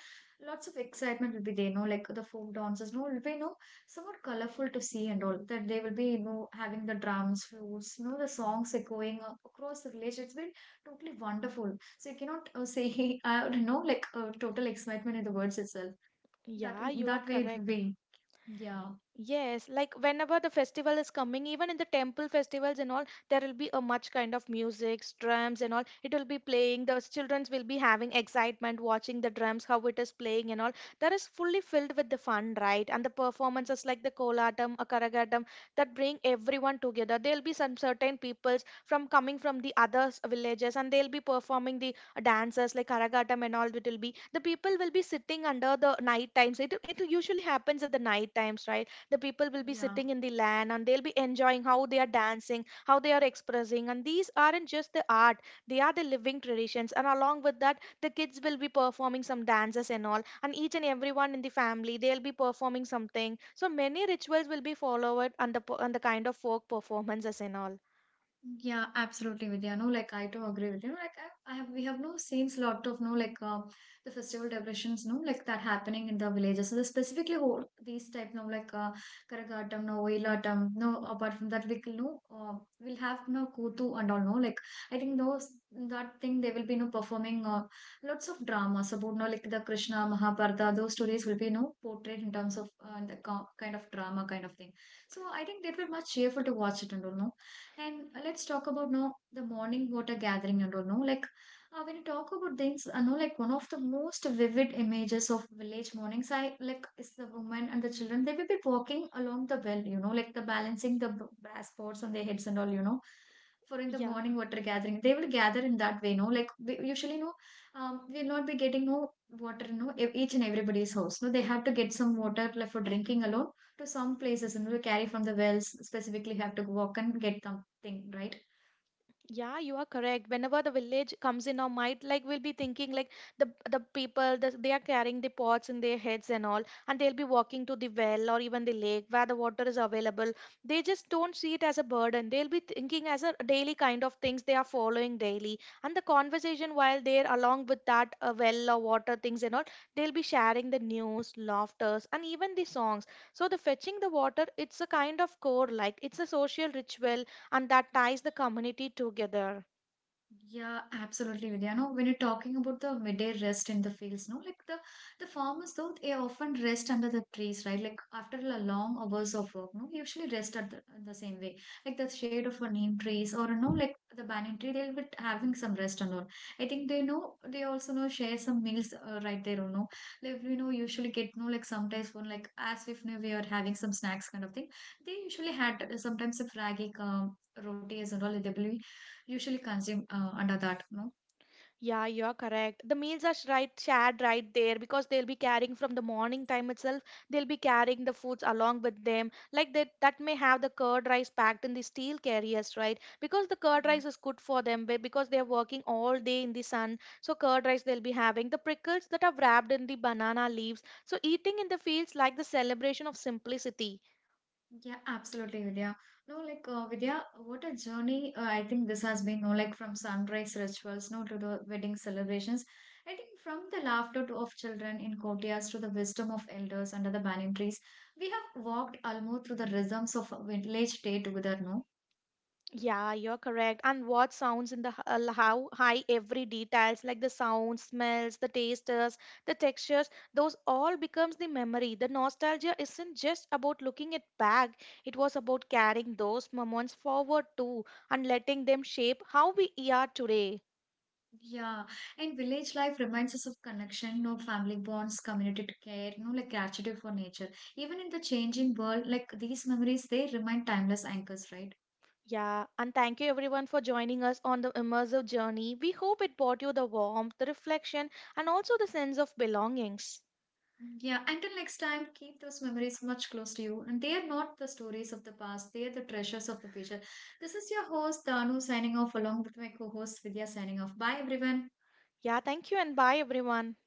Speaker 1: lots of excitement will be there, no, like the folk dancers, no, will be no somewhat colorful to see and all that they will be you know having the drums, flutes, you know the songs echoing across the village. It's been totally wonderful, so you cannot say I don't know like total excitement in the words itself. That
Speaker 2: Yeah, you are
Speaker 1: that way it would
Speaker 2: correct.
Speaker 1: be. Yeah,
Speaker 2: Yes, like whenever the festival is coming, even in the temple festivals and all, there will be a much kind of music, drums and all. It will be playing. The children will be having excitement watching the drums, how it is playing and all. That is fully filled with the fun, right? And the performances like the kolatam, akaragatam, that bring everyone together. There'll be some certain peoples from coming from the other villages, and they'll be performing the dances like karagatam and all. It will be the people will be sitting under the night times. It usually happens at the night times, right? The people will be
Speaker 1: yeah.
Speaker 2: sitting in the land and they'll be enjoying how they are dancing, how they are expressing, and these aren't just the art, they are the living traditions. And along with that, the kids will be performing some dances and all, and each and everyone in the family they'll be performing something. So many rituals will be followed on the on the kind of folk performances and all.
Speaker 1: Yeah, absolutely, Vidya. No, like I too agree with you. No, like I have, we have no scenes lot of no like the festival decorations, no like that happening in the villages. So the specifically whole, these type, no like Karagatam, no Oilatam, no. Apart from that, we no we'll have no Kutu and all. No, like I think those that thing they will be no performing lots of dramas about no like the Krishna Mahabharata. Those stories will be no portrayed in terms of the kind of drama kind of thing. So I think that will much cheerful to watch it and all. No, and let's talk about now the morning water gathering and all. No, like when you talk about things, I know like one of the most vivid images of village mornings. I like is the woman and the children. They will be walking along the well. You know, like the balancing the brass pots on their heads and all. You know, for in the
Speaker 2: Yeah.
Speaker 1: morning water gathering, they will gather in that way. No, like we usually no, we'll not be getting no water. No, each and everybody's house. No, they have to get some water like for drinking alone to some places and we carry from the wells specifically have to walk and get them thing, right?
Speaker 2: Yeah, you are correct. Whenever the village comes in our mind, like we'll be thinking like they are carrying the pots in their heads and all, and they'll be walking to the well or even the lake where the water is available. They just don't see it as a burden. They'll be thinking as a daily kind of things they are following daily, and the conversation while they're along with that well or water things and all, they'll be sharing the news, laughters, and even the songs. So the fetching the water, it's a kind of core, like it's a social ritual, and that ties the community together.
Speaker 1: Yeah, absolutely, Vidya. No, when you're talking about the midday rest in the fields, no, like the farmers though they often rest under the trees, right? Like after a long hours of work, no, they usually rest at the same way, like the shade of a neem trees or no, like the banyan tree. They'll be having some rest and all. I think they know they also know share some meals right there. You know, like you know usually get no like sometimes when like as if you know, we are having some snacks kind of thing. They usually had sometimes a fraggy roti as and all. They will usually consume under that no.
Speaker 2: Yeah, you're correct. The meals are right shared right there because they'll be carrying from the morning time itself. They'll be carrying the foods along with them. Like that may have the curd rice packed in the steel carriers, right? Because the curd
Speaker 1: Yeah.
Speaker 2: rice is good for them because they're working all day in the sun. So curd rice they'll be having, the prickles that are wrapped in the banana leaves. So eating in the fields like the celebration of simplicity.
Speaker 1: Yeah, absolutely, Vidya. No, like Vidya, what a journey. I think this has been no like from sunrise rituals no to the wedding celebrations. I think from the laughter to, of children in courtyards to the wisdom of elders under the banyan trees, we have walked almost through the rhythms of a village day together no.
Speaker 2: Yeah, you're correct. And what sounds in the how high every details like the sounds, smells, the tasters, the textures, those all becomes the memory. The nostalgia isn't just about looking it back. It was about carrying those moments forward too and letting them shape how we are today.
Speaker 1: Yeah, and village life reminds us of connection, no family bonds, community care, no like gratitude for nature. Even in the changing world, like these memories, they remain timeless anchors, right?
Speaker 2: Yeah, and thank you everyone for joining us on the immersive journey. We hope it brought you the warmth, the reflection, and also the sense of belongings.
Speaker 1: Yeah, until next time, keep those memories much close to you. And they are not the stories of the past, they are the treasures of the future. This is your host, Danu, signing off along with my co host, Vidya, signing off. Bye, everyone.
Speaker 2: Yeah, thank you and bye everyone.